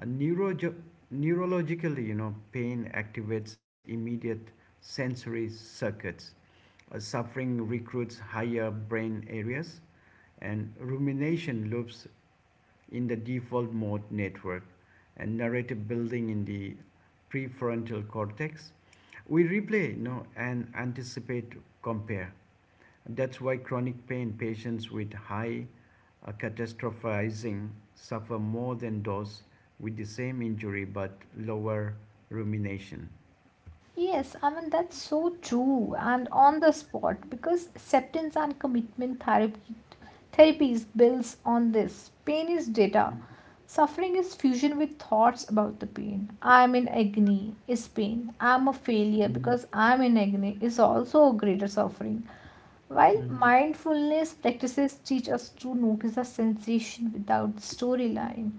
[SPEAKER 1] A neuro- neurologically, you know, pain activates immediate sensory circuits. Uh, suffering recruits higher brain areas and rumination loops in the default mode network, and narrative building in the prefrontal cortex. We replay, you know, and anticipate, compare. That's why chronic pain patients with high uh, catastrophizing suffer more than those with the same injury but lower rumination.
[SPEAKER 2] Yes, I mean, that's so true and on the spot because acceptance and commitment therapy therapies builds on this. Pain is data. Suffering is fusion with thoughts about the pain. I'm in agony is pain. I'm a failure
[SPEAKER 1] Mhm,
[SPEAKER 2] because I'm in agony is also a greater suffering. While
[SPEAKER 1] mhm,
[SPEAKER 2] mindfulness practices teach us to notice a sensation without storyline.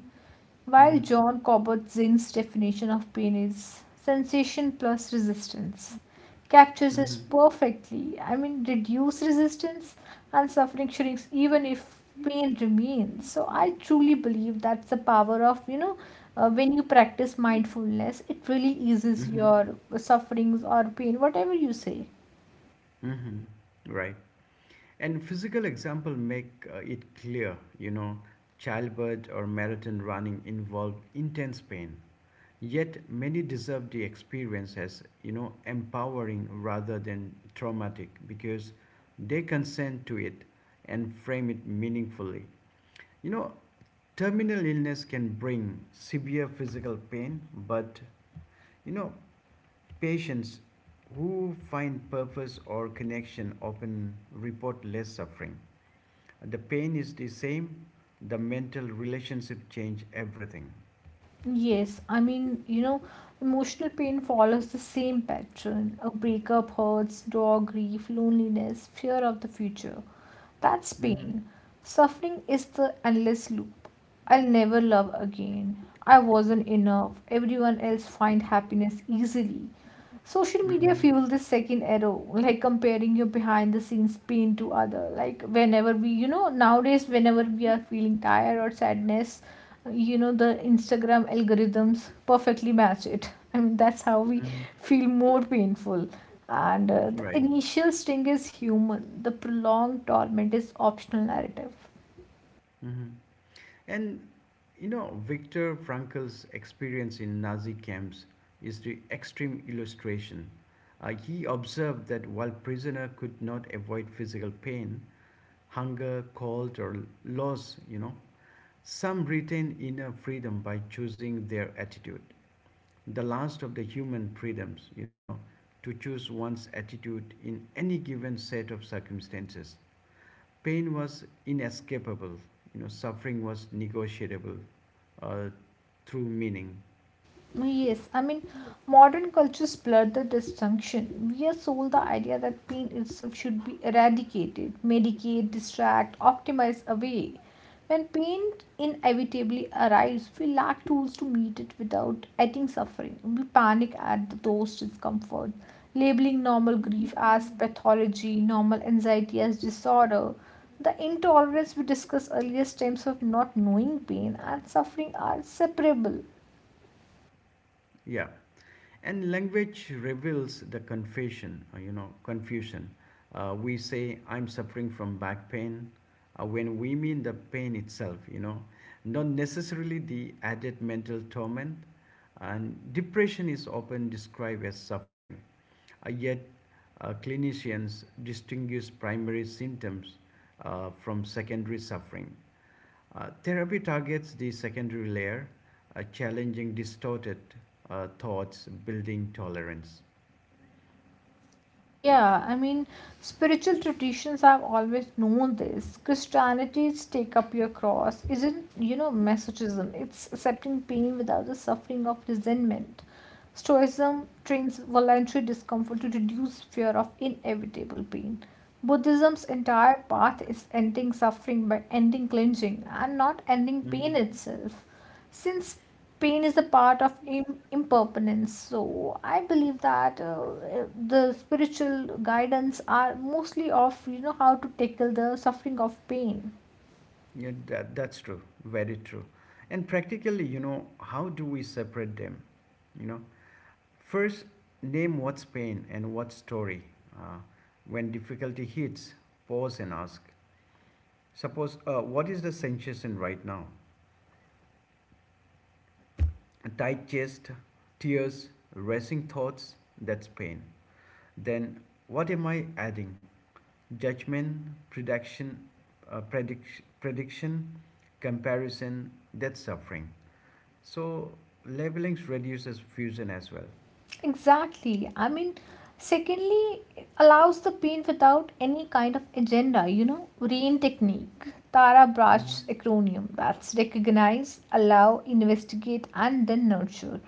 [SPEAKER 2] While
[SPEAKER 1] mhm,
[SPEAKER 2] John Kabat Zinn's definition of pain is sensation plus resistance, captures this
[SPEAKER 1] mhm,
[SPEAKER 2] perfectly. I mean, reduce resistance and suffering shrinks even if pain remains. So, I truly believe that's the power of, you know, uh, when you practice mindfulness, it really eases
[SPEAKER 1] mhm,
[SPEAKER 2] your sufferings or pain, whatever you say.
[SPEAKER 1] mhm. Right. And physical example make uh, it clear, you know, childbirth or marathon running involve intense pain. Yet many deserve the experience as, you know, empowering rather than traumatic because they consent to it and frame it meaningfully. You know, terminal illness can bring severe physical pain, but, you know, patients who find purpose or connection often report less suffering. The pain is the same, the mental relationship change everything.
[SPEAKER 2] Yes, I mean, you know, Emotional pain follows the same pattern. A breakup hurts, raw grief, loneliness, fear of the future. That's
[SPEAKER 1] Hmm.
[SPEAKER 2] pain. Suffering is the endless loop. I'll never love again. I wasn't enough. Everyone else find happiness easily. Social media
[SPEAKER 1] Hmm.
[SPEAKER 2] fuels this second arrow, like comparing your behind the scenes pain to other like whenever we you know nowadays whenever we are feeling tired or sadness you know the Instagram algorithms perfectly match it. I mean, that's how we
[SPEAKER 1] Hmm.
[SPEAKER 2] feel more painful. And uh, the
[SPEAKER 1] Right.
[SPEAKER 2] initial sting is human, the prolonged torment is optional narrative.
[SPEAKER 1] Hmm. And you know, Victor Frankl's experience in Nazi camps is the extreme illustration. Uh, he observed that while prisoner could not avoid physical pain, hunger, cold, or loss, you know some retain inner freedom by choosing their attitude, the last of the human freedoms, you know, to choose one's attitude in any given set of circumstances. Pain was inescapable, you know, suffering was negotiable uh, through meaning.
[SPEAKER 2] Yes, I mean, modern cultures blur the distinction. We are sold the idea that pain itself should be eradicated, medicate, distract, optimize away. When pain inevitably arrives, we lack tools to meet it without adding suffering. We panic at the dose discomfort, labeling normal grief as pathology, normal anxiety as disorder. The intolerance we discussed earlier stems of not knowing pain and suffering are separable.
[SPEAKER 1] Yeah. And language reveals the confession, uh, you know, confusion. Uh, we say, I'm suffering from back pain, uh, when we mean the pain itself, you know, not necessarily the added mental torment. And depression is often described as suffering. Uh, yet, uh, clinicians distinguish primary symptoms uh, from secondary suffering. Uh, therapy targets the secondary layer, uh, challenging distorted uh, thoughts, building tolerance.
[SPEAKER 2] Yeah, I mean, spiritual traditions have always known this. Christianity's take up your cross isn't, you know, masochism. It's accepting pain without the suffering of resentment. Stoicism trains voluntary discomfort to reduce fear of inevitable pain. Buddhism's entire path is ending suffering by ending cleansing and not ending pain
[SPEAKER 1] Hmm.
[SPEAKER 2] itself. Since pain is a part of Im- impermanence, so I believe that uh, the spiritual guidance are mostly of, you know, how to tackle the suffering of pain.
[SPEAKER 1] Yeah, that, that's true, very true. And practically, you know, how do we separate them? You know, first, name what's pain and what's story. Uh, when difficulty hits, pause and ask. Suppose, uh, what is the sensation right now? A tight chest, tears, racing thoughts, that's pain. Then, what am I adding? Judgment, prediction, uh, predict- prediction, comparison, that's suffering. So labeling reduces fusion as well.
[SPEAKER 2] Exactly, I mean, secondly, it allows the pain without any kind of agenda. You know, rain technique, Tara Brush
[SPEAKER 1] Mhm,
[SPEAKER 2] acronym, that's recognize, allow, investigate, and then nurture.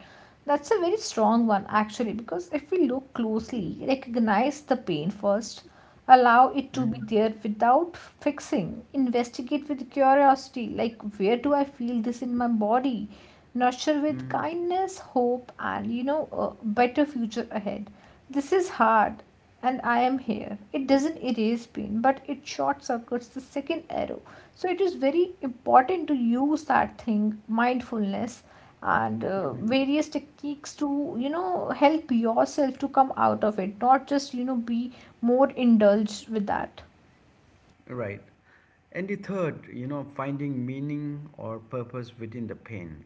[SPEAKER 2] That's a very strong one actually, because if we look closely, recognize the pain first, allow it to be
[SPEAKER 1] mhm,
[SPEAKER 2] there without fixing, investigate with curiosity, like where do I feel this in my body, nurture with
[SPEAKER 1] mhm,
[SPEAKER 2] kindness, hope and, you know, a better future ahead. This is hard, and I am here. It doesn't erase pain, but it short circuits the second arrow. So it is very important to use that thing, mindfulness, and uh,
[SPEAKER 1] mhm.
[SPEAKER 2] various techniques to, you know, help yourself to come out of it, not just, you know, be more indulged with that.
[SPEAKER 1] Right. And the third, you know, finding meaning or purpose within the pain.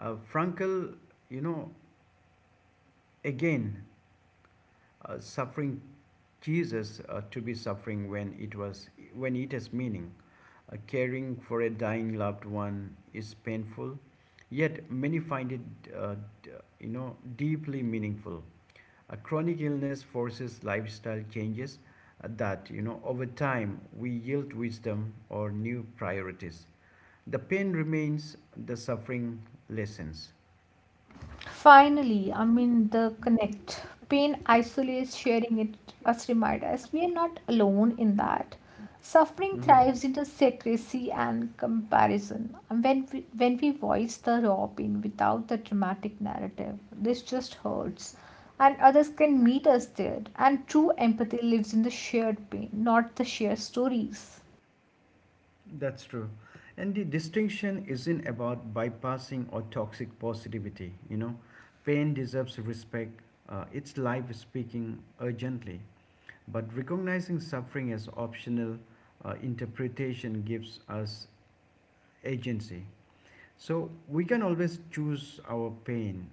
[SPEAKER 1] Uh, Frankel, you know, again, uh, suffering Jesus uh, to be suffering when it was when it has meaning. Uh, caring for a dying loved one is painful, yet many find it, uh, d- you know, deeply meaningful. A chronic illness forces lifestyle changes uh, that, you know, over time we yield wisdom or new priorities. The pain remains, the suffering lessens.
[SPEAKER 2] Finally, I mean, the connect. Pain isolates, sharing it us remind us we are not alone in that. Suffering thrives in the secrecy and comparison. And when we, when we voice the raw pain without the dramatic narrative, this just hurts. And others can meet us there. And true empathy lives in the shared pain, not the shared stories.
[SPEAKER 1] That's true. And the distinction isn't about bypassing or toxic positivity, you know. Pain deserves respect, uh, it's life speaking urgently. But recognizing suffering as optional uh, interpretation gives us agency. So we can always choose our pain,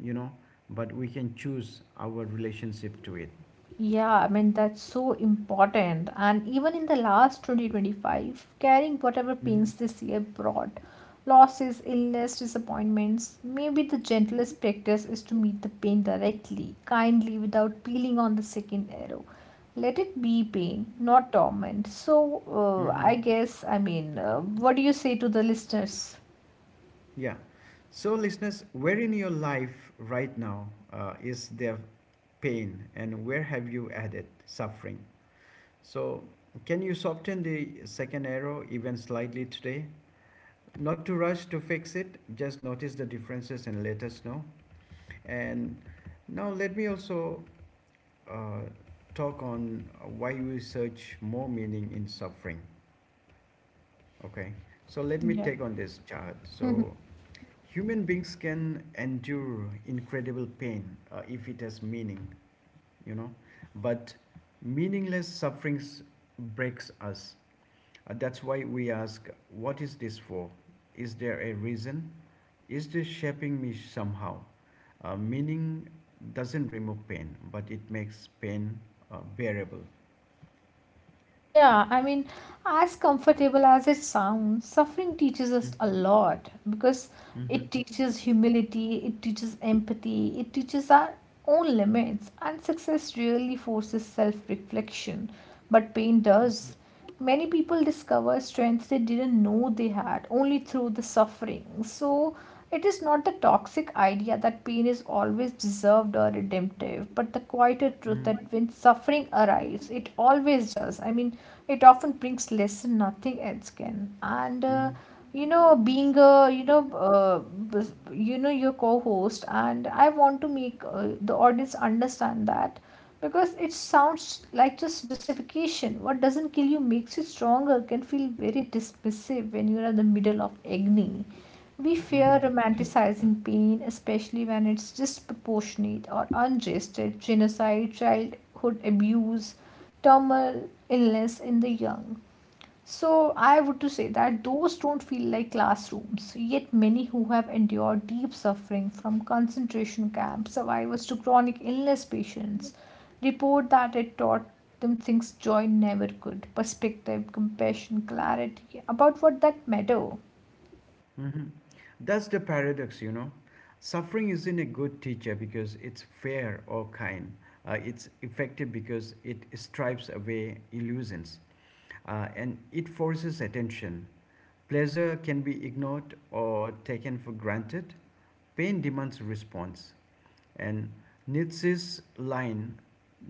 [SPEAKER 1] you know, but we can choose our relationship to it.
[SPEAKER 2] Yeah, I mean, that's so important. And even in the last twenty twenty-five, carrying whatever
[SPEAKER 1] Mm-hmm.
[SPEAKER 2] pains this year brought, losses, illness, disappointments, maybe the gentlest practice is to meet the pain directly, kindly, without peeling on the second arrow. Let it be pain, not torment. So, uh, I
[SPEAKER 1] Mm-hmm.
[SPEAKER 2] guess, I mean, uh, what do you say to the listeners?
[SPEAKER 1] Yeah. So, listeners, where in your life right now uh, is there pain, and where have you added suffering? So, can you soften the second arrow even slightly today? Not to rush to fix it, just notice the differences and let us know. And now, let me also uh, talk on why we search more meaning in suffering. Okay, so let me
[SPEAKER 2] Yeah.
[SPEAKER 1] take on this chart. So, human beings can endure incredible pain uh, if it has meaning. You know, but meaningless sufferings breaks us. Uh, that's why we ask, what is this for? Is there a reason? Is this shaping me somehow? Uh, meaning doesn't remove pain, but it makes pain uh, bearable.
[SPEAKER 2] Yeah, I mean, as comfortable as it sounds, suffering teaches us
[SPEAKER 1] Mhm,
[SPEAKER 2] a lot, because
[SPEAKER 1] mhm,
[SPEAKER 2] it teaches humility, it teaches empathy, it teaches our own limits, and success really forces self-reflection. But pain does. Many people discover strengths they didn't know they had only through the suffering. So it is not the toxic idea that pain is always deserved or redemptive, but the quieter truth that when suffering arrives, it always does. I mean, it often brings lesson nothing else can. And uh, you know, being a, you know, uh, bus- you know, your co-host, and I want to make uh, the audience understand that, because it sounds like just justification. What doesn't kill you makes you stronger can feel very dismissive when you are in the middle of agony. We fear
[SPEAKER 1] mhm,
[SPEAKER 2] romanticizing pain, especially when it's disproportionate or unjusted, genocide, childhood abuse, terminal illness in the young. So I would to say that those don't feel like classrooms. Yet many who have endured deep suffering, from concentration camp survivors to chronic illness patients, report that it taught them things joy never could, perspective, compassion, clarity about what that matter.
[SPEAKER 1] mhm. That's the paradox, you know. Suffering isn't a good teacher because it's fair or kind. Uh, it's effective because it strips away illusions. uh, and it forces attention. Pleasure can be ignored or taken for granted. Pain demands response. And Nietzsche's line,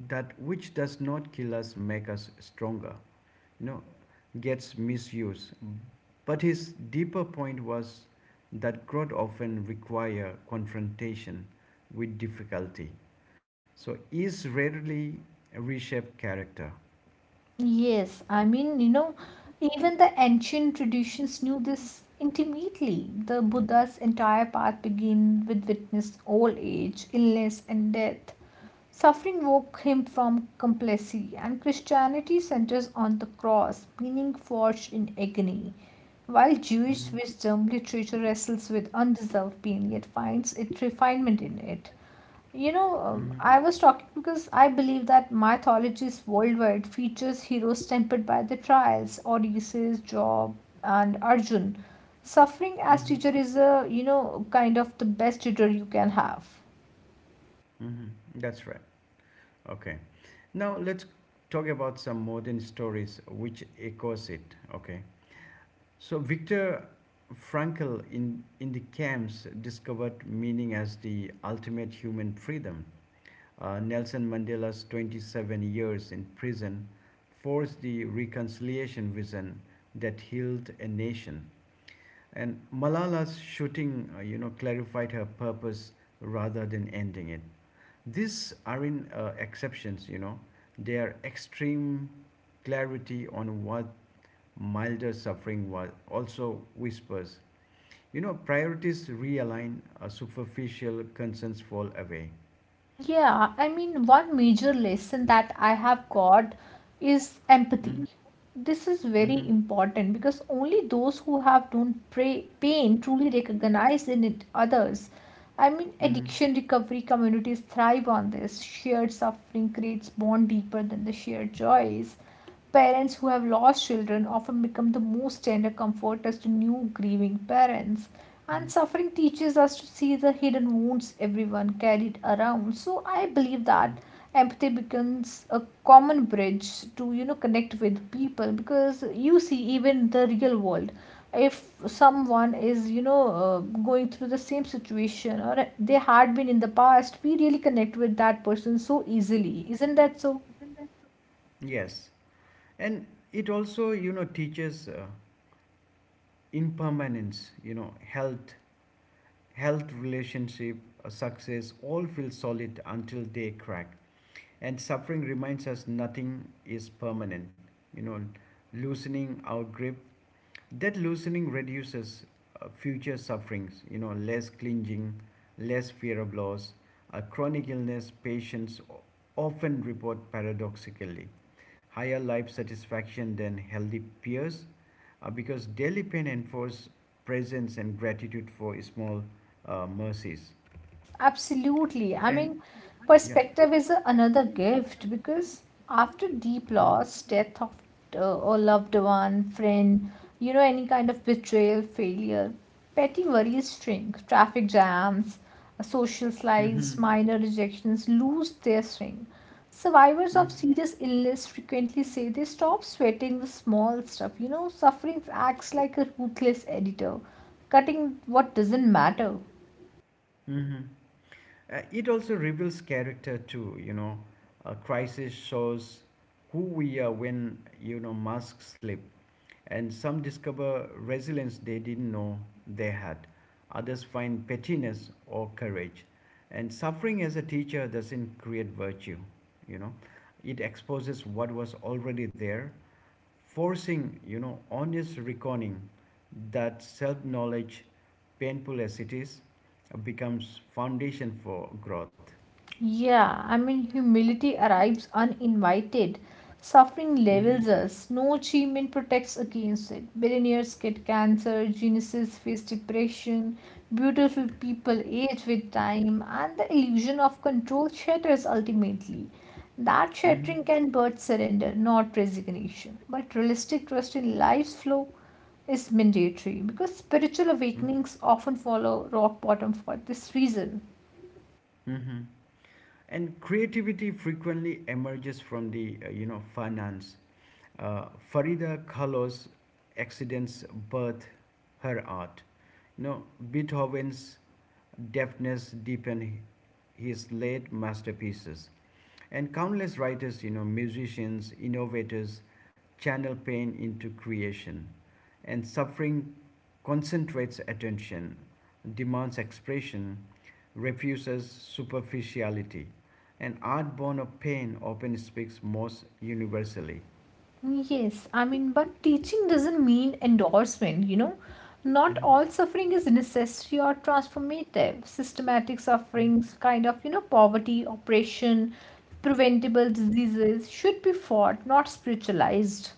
[SPEAKER 1] that which does not kill us make us stronger, you know, gets misused. But his deeper point was that growth often requires confrontation with difficulty. So is rarely reshape character.
[SPEAKER 2] Yes, I mean, you know, even the ancient traditions knew this intimately. The Buddha's entire path began with witness old age, illness, and death. Suffering woke him from complacency, and Christianity centers on the cross, meaning forged in agony. While Jewish
[SPEAKER 1] hmm
[SPEAKER 2] wisdom literature wrestles with undeserved pain, yet finds its refinement in it. You know, um, I
[SPEAKER 1] hmm
[SPEAKER 2] was talking because I believe that mythologies worldwide features heroes tempered by the trials, Odysseus, Job, and Arjun. Suffering as teacher
[SPEAKER 1] hmm
[SPEAKER 2] is a, you know, kind of the best tutor you can have.
[SPEAKER 1] hmm That's right. Okay. Now let's talk about some modern stories which echoes it. Okay. So Viktor Frankl in, in the camps discovered meaning as the ultimate human freedom. Uh, Nelson Mandela's twenty-seven years in prison forced the reconciliation vision that healed a nation. And Malala's shooting, uh, you know, clarified her purpose rather than ending it. These aren't uh, exceptions, you know, they are extreme clarity on what milder suffering was also whispers. You know, priorities realign, uh, superficial concerns fall away.
[SPEAKER 2] Yeah, I mean, one major lesson that I have got is empathy.
[SPEAKER 1] hmm
[SPEAKER 2] This is very
[SPEAKER 1] hmm
[SPEAKER 2] important because only those who have known pra- pain truly recognize in it others. I mean,
[SPEAKER 1] hmm
[SPEAKER 2] addiction recovery communities thrive on this. Shared suffering creates bond deeper than the shared joys. Parents who have lost children often become the most tender comforters to new grieving parents. And suffering teaches us to see the hidden wounds everyone carried around. So I believe that empathy becomes a common bridge to, you know, connect with people, because you see, even the real world, if someone is, you know, uh, going through the same situation or they had been in the past, we really connect with that person so easily, isn't that so?
[SPEAKER 1] Yes. And it also, you know, teaches uh, impermanence, you know, health, health relationship, uh, success, all feel solid until they crack. And suffering reminds us nothing is permanent. You know, loosening our grip, that loosening reduces uh, future sufferings, you know, less clinging, less fear of loss. A chronic illness patients often report paradoxically higher life satisfaction than healthy peers uh, because daily pain enforces presence and gratitude for small uh, mercies.
[SPEAKER 2] Absolutely. I mean,
[SPEAKER 1] And yeah.
[SPEAKER 2] perspective is a- another gift, because after deep loss, death of uh, a loved one, friend, you know, any kind of betrayal, failure, petty worries shrink, traffic jams, uh, social slides,
[SPEAKER 1] Mm-hmm.
[SPEAKER 2] minor rejections lose their swing. Survivors of
[SPEAKER 1] Mm-hmm.
[SPEAKER 2] serious illness frequently say they stop sweating the small stuff. You know, suffering acts like a ruthless editor, cutting what doesn't matter.
[SPEAKER 1] Mm-hmm. Uh, it also reveals character too, you know. A crisis shows who we are when, you know, masks slip. And some discover resilience they didn't know they had. Others find pettiness or courage. And suffering as a teacher doesn't create virtue, you know. It exposes what was already there, forcing, you know, honest reckoning. That self knowledge, painful as it is, becomes foundation for growth.
[SPEAKER 2] Yeah, I mean, humility arrives uninvited. Suffering
[SPEAKER 1] hmm
[SPEAKER 2] levels us. No achievement protects against it. Billionaires get cancer, geniuses face depression, beautiful people age with time, and the illusion of control shatters ultimately. That shattering
[SPEAKER 1] hmm
[SPEAKER 2] can birth surrender, not resignation. But realistic trust in life's flow is mandatory because spiritual awakenings often follow rock bottom for this reason.
[SPEAKER 1] hmm and creativity frequently emerges from the uh, you know, finance, uh, farida kahlo's accidents birth her art, you know, beethoven's deafness deepened his late masterpieces. And countless writers, you know, musicians, innovators channel pain into creation. And suffering concentrates attention, demands expression, refuses superficiality. And art born of pain often speaks most universally.
[SPEAKER 2] Yes, I mean, but teaching doesn't mean endorsement, you know. Not all
[SPEAKER 1] hmm
[SPEAKER 2] suffering is necessary or transformative. Systematic sufferings, kind of, you know, poverty, oppression, preventable diseases should be fought, not spiritualized.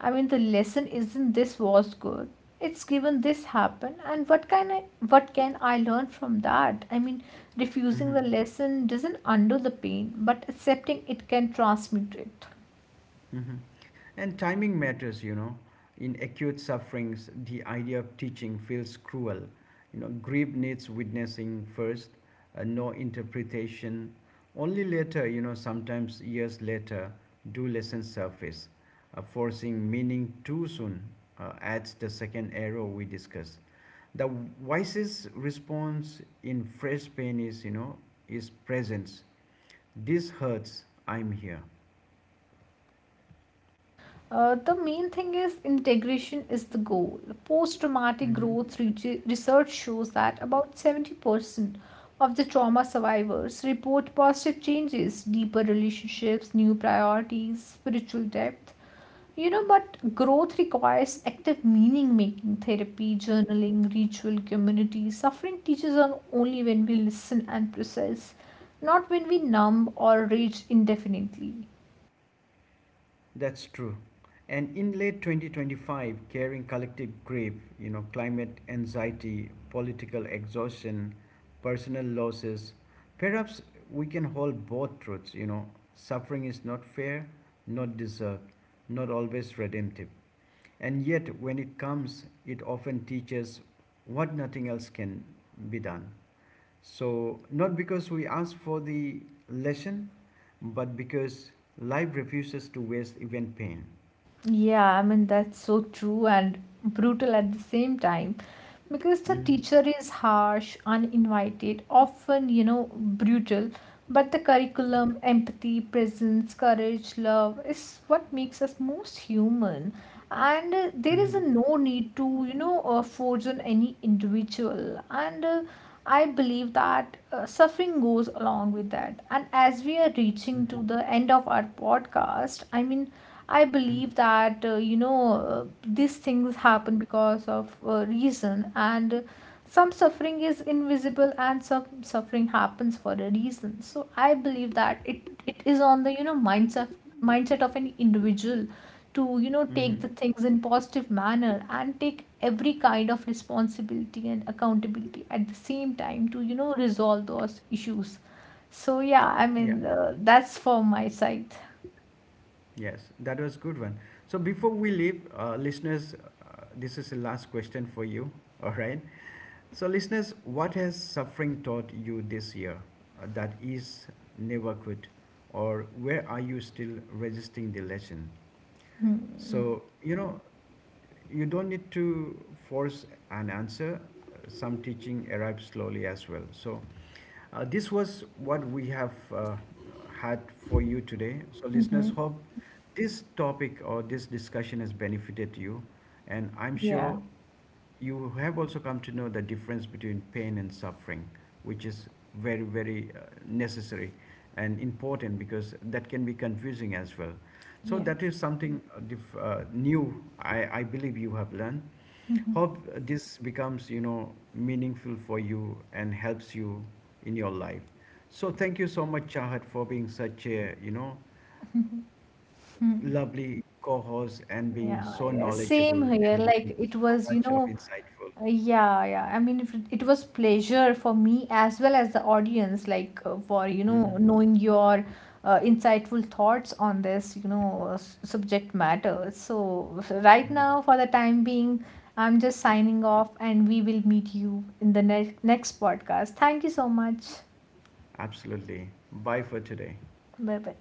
[SPEAKER 2] I mean, the lesson isn't this was good. It's given this happened, and what can I, what can I learn from that? I mean, refusing the
[SPEAKER 1] hmm
[SPEAKER 2] lesson doesn't undo the pain, but accepting it can transmute it.
[SPEAKER 1] Mhm. And timing matters, you know. In acute sufferings, the idea of teaching feels cruel. You know, grief needs witnessing first, uh, no interpretation. Only later, you know, sometimes years later, do lessons surface. Uh, forcing meaning too soon uh, adds the second error we discussed. The wisest response in fresh pain is, you know, is presence. This hurts. I'm here.
[SPEAKER 2] Uh, the main thing is integration is the goal. Post traumatic growth re- research shows that about seventy percent of the trauma survivors report positive changes, deeper relationships, new priorities, spiritual depth. You know, but growth requires active meaning making, therapy, journaling, ritual, community. Suffering teaches us only when we listen and process, not when we numb or rage indefinitely.
[SPEAKER 1] That's true. And in late twenty twenty-five, carrying collective grief, you know, climate anxiety, political exhaustion, personal losses, perhaps we can hold both truths, you know, suffering is not fair, not deserved, not always redemptive. And yet, when it comes, it often teaches what nothing else can be done. So, not because we ask for the lesson, but because life refuses to waste even pain.
[SPEAKER 2] Yeah, I mean, that's so true and brutal at the same time, because the
[SPEAKER 1] hmm
[SPEAKER 2] teacher is harsh, uninvited, often, you know, brutal, but the curriculum, empathy, presence, courage, love is what makes us most human. And uh, There is a
[SPEAKER 1] hmm
[SPEAKER 2] no need to, you know, uh, force on any individual, and uh, I believe that uh, suffering goes along with that. And as we are reaching to the end of our podcast, I mean, I believe that, uh, you know uh, these things happen because of uh, reason, and some suffering is invisible and some suffering happens for a reason. So I believe that it it is on the, you know, mindset mindset of an individual to, you know, take the
[SPEAKER 1] hmm
[SPEAKER 2] things in positive manner and take every kind of responsibility and accountability at the same time to, you know, resolve those issues. So yeah, I
[SPEAKER 1] Yeah,
[SPEAKER 2] mean, uh, that's for my side.
[SPEAKER 1] yes, that was good one. So before we leave, uh, listeners, uh, this is the last question for you. All right. So listeners, what has suffering taught you this year uh, that is never could, or where are you still resisting the lesson?
[SPEAKER 2] Hmm.
[SPEAKER 1] So, you know, you don't need to force an answer. Some teaching arrives slowly as well. So, uh, this was what we have uh, had for you today. So, listeners,
[SPEAKER 2] Mm-hmm.
[SPEAKER 1] hope this topic or this discussion has benefited you, and I'm sure you have also come to know the difference between pain and suffering, which is very, very uh, necessary and important because that can be confusing as well. So
[SPEAKER 2] Yeah.
[SPEAKER 1] that is something uh, dif- uh, new. I, I believe you have learned.
[SPEAKER 2] Mhm.
[SPEAKER 1] Hope this becomes, you know, meaningful for you and helps you in your life. So thank you so much, Chahat, for being such a, you know, lovely co-host and being
[SPEAKER 2] Yeah,
[SPEAKER 1] so
[SPEAKER 2] yeah,
[SPEAKER 1] knowledgeable
[SPEAKER 2] same here.
[SPEAKER 1] and giving
[SPEAKER 2] Like it
[SPEAKER 1] so
[SPEAKER 2] was, you
[SPEAKER 1] much
[SPEAKER 2] know,
[SPEAKER 1] of insightful.
[SPEAKER 2] Uh, yeah, yeah. I mean, if it it was pleasure for me as well as the audience, like uh, for, you know,
[SPEAKER 1] hmm
[SPEAKER 2] knowing your uh, insightful thoughts on this, you know, uh, s- subject matter. So so right now, for the time being, I'm just signing off, and we will meet you in the next next podcast. Thank you so much.
[SPEAKER 1] Absolutely. Bye for today.
[SPEAKER 2] Bye bye.